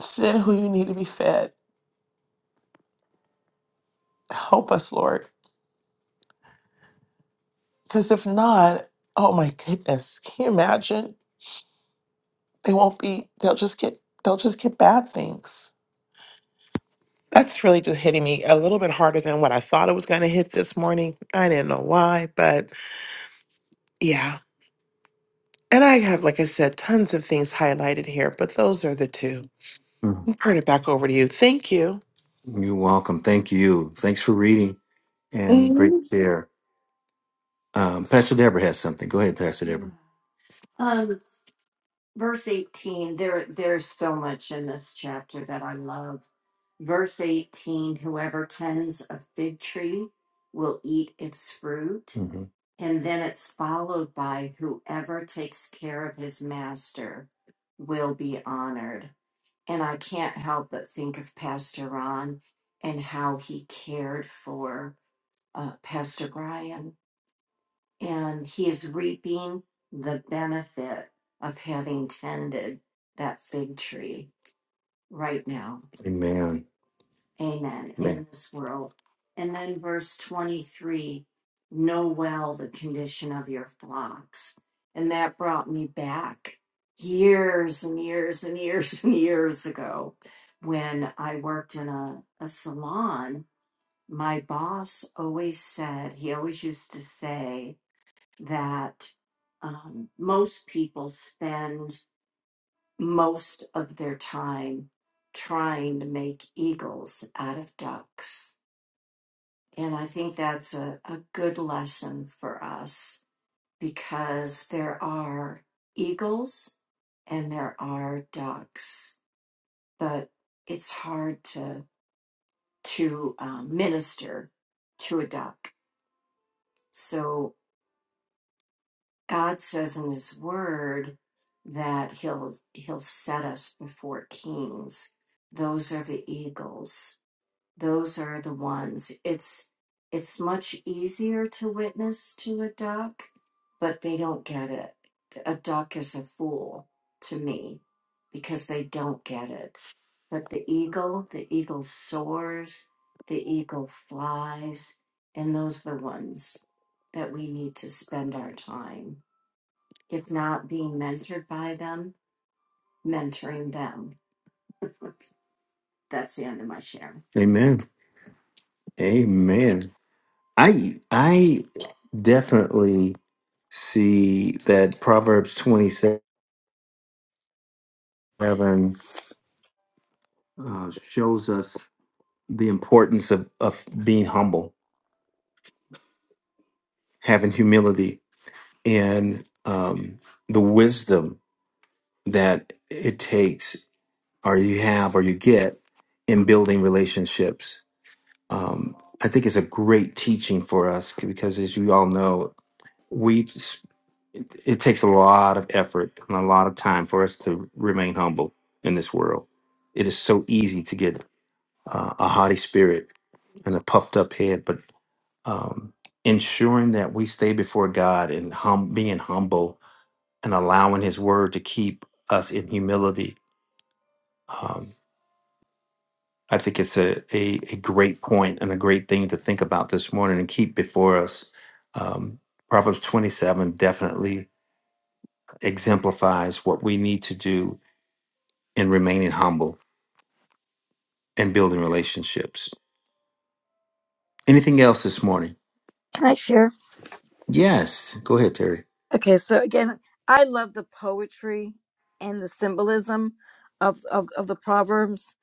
[SPEAKER 6] send who you need to be fed. Help us, Lord. Because if not, oh my goodness, can you imagine? They won't be, they'll just get they'll just get bad things That's really just hitting me a little bit harder than what I thought it was going to hit this morning. I didn't know why, but yeah. And I have, like I said, tons of things highlighted here, but those are the two.
[SPEAKER 1] Mhm.
[SPEAKER 6] I'll turn it back over to you. Thank you.
[SPEAKER 1] You're welcome. Thank you. Thanks for reading and
[SPEAKER 6] Mhm.
[SPEAKER 1] great share. Um, Pastor Deborah has something. Go ahead, Pastor Deborah. verse 18 there there's so much in this chapter that i love verse 18 whoever tends a fig tree will eat its fruit hmm and then it's followed by whoever takes care of his master will be honored and i can't help but think of pastor ron and how he cared for uh, pastor brian and he is reaping the benefit of having tended that fig tree right now. Amen. Amen. Amen. In this world. And then verse 23 know well the condition of your flocks. And that brought me back years and years and years and years ago when I worked in a, a salon. My boss always said, he always used to say, that um, most people spend most of their time trying to make eagles out of ducks. And I think that's a, a good lesson for us because there are eagles and there are ducks, but it's hard to to um, minister to a duck. So God says in his word that he'll he'll set us before kings. Those are the eagles. Those are the ones. It's it's much easier to witness to a duck, but they don't get it. A duck is a fool to me because they don't get it. But the eagle, the eagle soars, the eagle flies, and those are the ones that we need to spend our time if not being mentored by them, mentoring them. That's the end of my share. Amen. Amen. I I definitely see that Proverbs 27 uh, shows us the importance of, of being humble, having humility, and um, the wisdom that it takes, or you have, or you get in building relationships. Um, I think it's a great teaching for us because, as you all know, we just- it, it takes a lot of effort and a lot of time for us to remain humble in this world. It is so easy to get uh, a haughty spirit and a puffed up head, but um, ensuring that we stay before God and hum- being humble and allowing His Word to keep us in humility um, I think it's a, a, a great point and a great thing to think about this morning and keep before us. Um, Proverbs 27 definitely exemplifies what we need to do in remaining humble and building relationships. Anything else this morning?
[SPEAKER 4] Can I share?
[SPEAKER 1] Yes. Go ahead, Terry.
[SPEAKER 4] Okay, so again, I love the poetry and the symbolism of, of, of the Proverbs.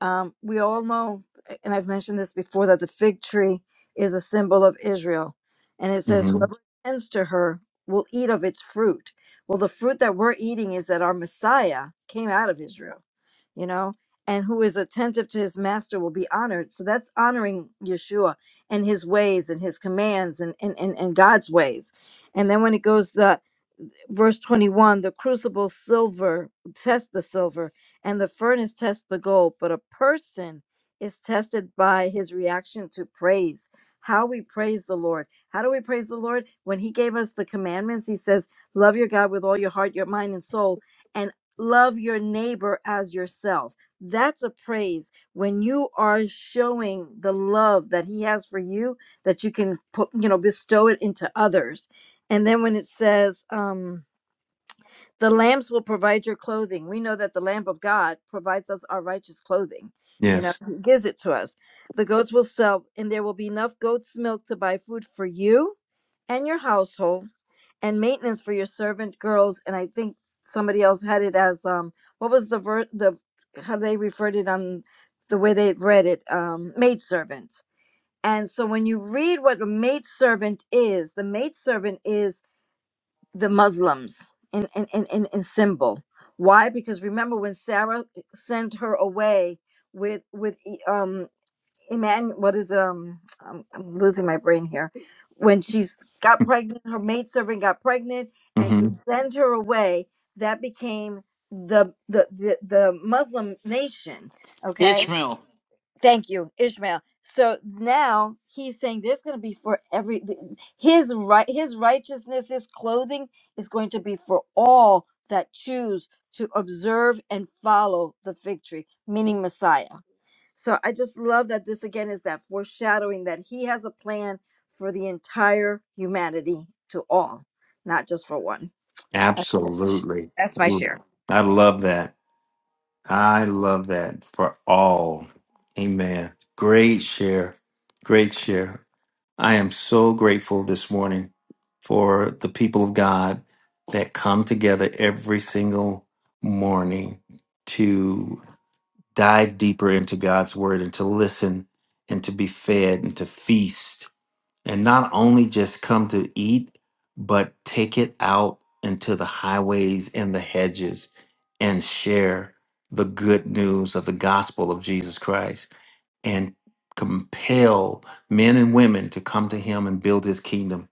[SPEAKER 4] Um, we all know, and I've mentioned this before, that the fig tree is a symbol of Israel. And it says,
[SPEAKER 1] hmm
[SPEAKER 4] Whoever tends to her will eat of its fruit. Well, the fruit that we're eating is that our Messiah came out of Israel, you know, and who is attentive to his master will be honored. So that's honoring Yeshua and his ways and his commands and, and, and, and God's ways and then when it goes the verse 21, the crucible silver tests the silver and the furnace tests the gold, but a person is tested by his reaction to praise. How we praise the Lord. How do we praise the Lord? When he gave us the commandments, he says, love your God with all your heart, your mind and soul and love your neighbor as yourself. That's a praise. When you are showing the love that he has for you that you can put, you know, bestow it into others and then when it says, um, the lambs will provide your clothing, we know that the Lamb of God provides us our righteous clothing. You know,
[SPEAKER 1] Yes.
[SPEAKER 4] He gives it to us. The goats will sell, and there will be enough goat's milk to buy food for you and your household and maintenance for your servant girls. And I think somebody else had it as um, what was the ver- the how they referred it on the way they read it, um, maidservant. And so when you read what a maidservant is, the maidservant is the Muslims in in in in, in symbol. Why? Because remember when Sarah eh, sent her away with with E- um Emmanuel. What is it? Um, I'm, I'm losing my brain here. When she's got pregnant, her maidservant got pregnant, and she
[SPEAKER 1] hmm
[SPEAKER 4] sent her away. That became the the the, the Muslim nation. Okay,
[SPEAKER 9] ishmael
[SPEAKER 4] Thank you, Ishmael. So now he's saying there's going to be for every his right his righteousness his clothing is going to be for all that choose to observe and follow the fig tree, meaning Messiah. So I just love that this again is that foreshadowing that he has a plan for the entire humanity to all, not just for one. That's
[SPEAKER 1] Absolutely.
[SPEAKER 4] that's my
[SPEAKER 1] Mm.
[SPEAKER 4] share.
[SPEAKER 1] I love that. I love that for all. Amen. Great share. Great share. I am so grateful this morning for the people of God that come together every single morning to dive deeper into God's word and to listen and to be fed and to feast and not only just come to eat, but take it out into the highways and the hedges and share the good news of the gospel of Jesus Christ and compel men and women to come to him and build his kingdom.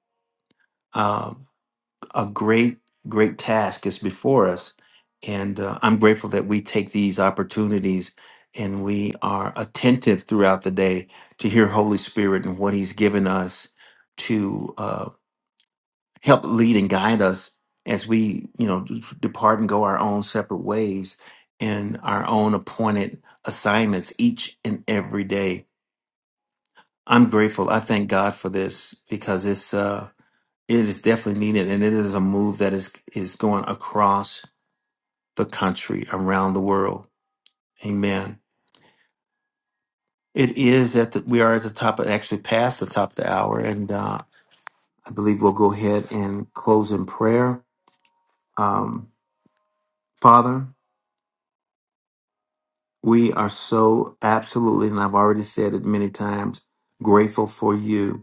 [SPEAKER 1] Um, a great, great task is before us. And uh, I'm grateful that we take these opportunities and we are attentive throughout the day to hear Holy Spirit and what He's given us to uh, help lead and guide us as we, you know, d- depart and go our own separate ways in our own appointed assignments each and every day. I'm grateful. I thank God for this because it's. uh, it is definitely needed, and it is a move that is is going across the country, around the world. Amen. It is at the we are at the top of actually past the top of the hour, and uh, I believe we'll go ahead and close in prayer. Um, Father, we are so absolutely, and I've already said it many times, grateful for you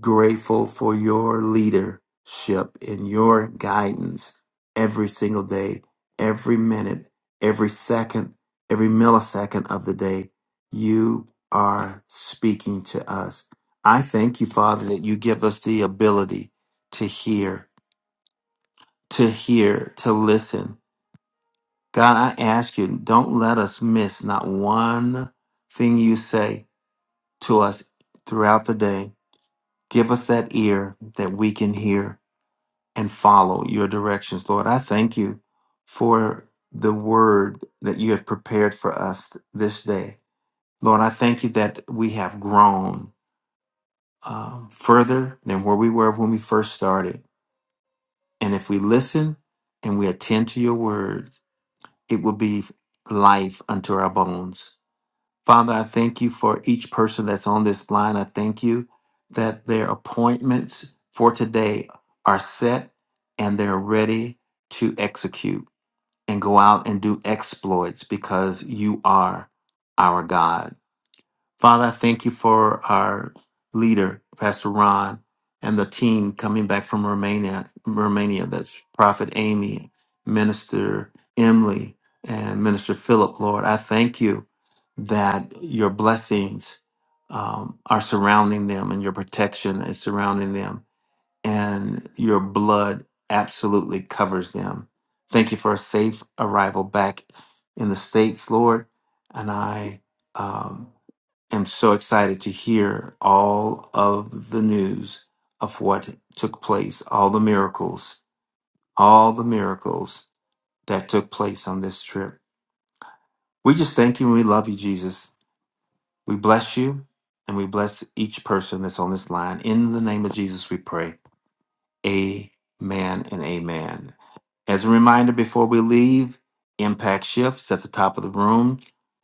[SPEAKER 1] grateful for your leadership and your guidance every single day, every minute, every second, every millisecond of the day. You are speaking to us. I thank you, Father, that you give us the ability to hear, to hear, to listen. God, I ask you, don't let us miss not one thing you say to us throughout the day. Give us that ear that we can hear and follow your directions, Lord. I thank you for the word that you have prepared for us this day. Lord, I thank you that we have grown um, further than where we were when we first started. And if we listen and we attend to your word, it will be life unto our bones. Father, I thank you for each person that's on this line. I thank you that their appointments for today are set and they're ready to execute. and go out and do exploits because you are our God. Father, I thank you for our leader, Pastor Ron, and the team coming back from Romania, Romania, that's Prophet Amy, Minister Emily, and Minister Philip, Lord. I thank you that your blessings um, are surrounding them and your protection is surrounding them and your blood absolutely covers them. Thank you for a safe arrival back in the States, Lord. And I um, am so excited to hear all of the news of what took place, all the miracles, all the miracles that took place on this trip. We just thank you and we love you, Jesus. We bless you and we bless each person that's on this line. In the name of Jesus, we pray. Amen and amen. As a reminder, before we leave, Impact Shifts at the top of the room.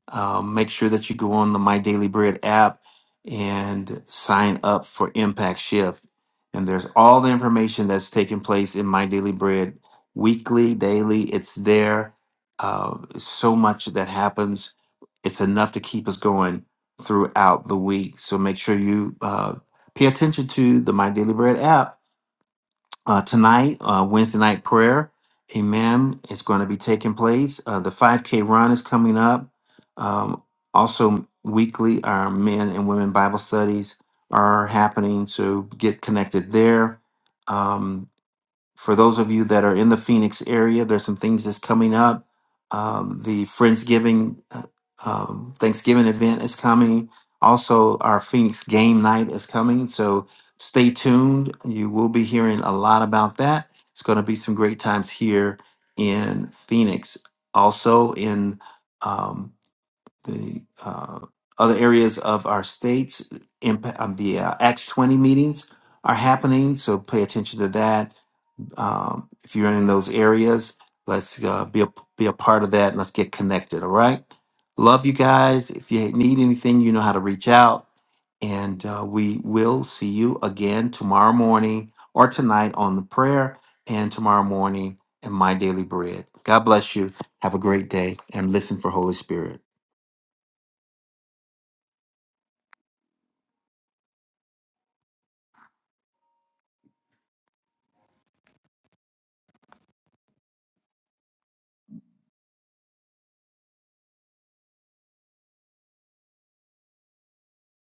[SPEAKER 1] Uh, make sure that you go on the My Daily Bread app and sign up for Impact Shift. And there's all the information that's taking place in My Daily Bread weekly, daily. It's there. Uh, so much that happens. It's enough to keep us going throughout the week. So make sure you uh, pay attention to the My Daily Bread app uh, tonight, uh, Wednesday night prayer. Amen. It's going to be taking place. Uh, the 5K run is coming up. Um, also, weekly, our men and women Bible studies are happening to get connected there. Um, for those of you that are in the Phoenix area, there's some things that's coming up. Um, the Friendsgiving, uh, um, Thanksgiving event is coming. Also, our Phoenix game night is coming. So stay tuned. You will be hearing a lot about that. It's going to be some great times here in Phoenix. Also, in um, the uh, other areas of our states, impa- um, the uh, Acts 20 meetings are happening. So pay attention to that um, if you're in those areas, let's uh, be a, be a part of that and let's get connected. All right. Love you guys. If you need anything, you know how to reach out. And uh, we will see you again tomorrow morning or tonight on the prayer and tomorrow morning in my daily bread. God bless you. Have a great day and listen for Holy Spirit.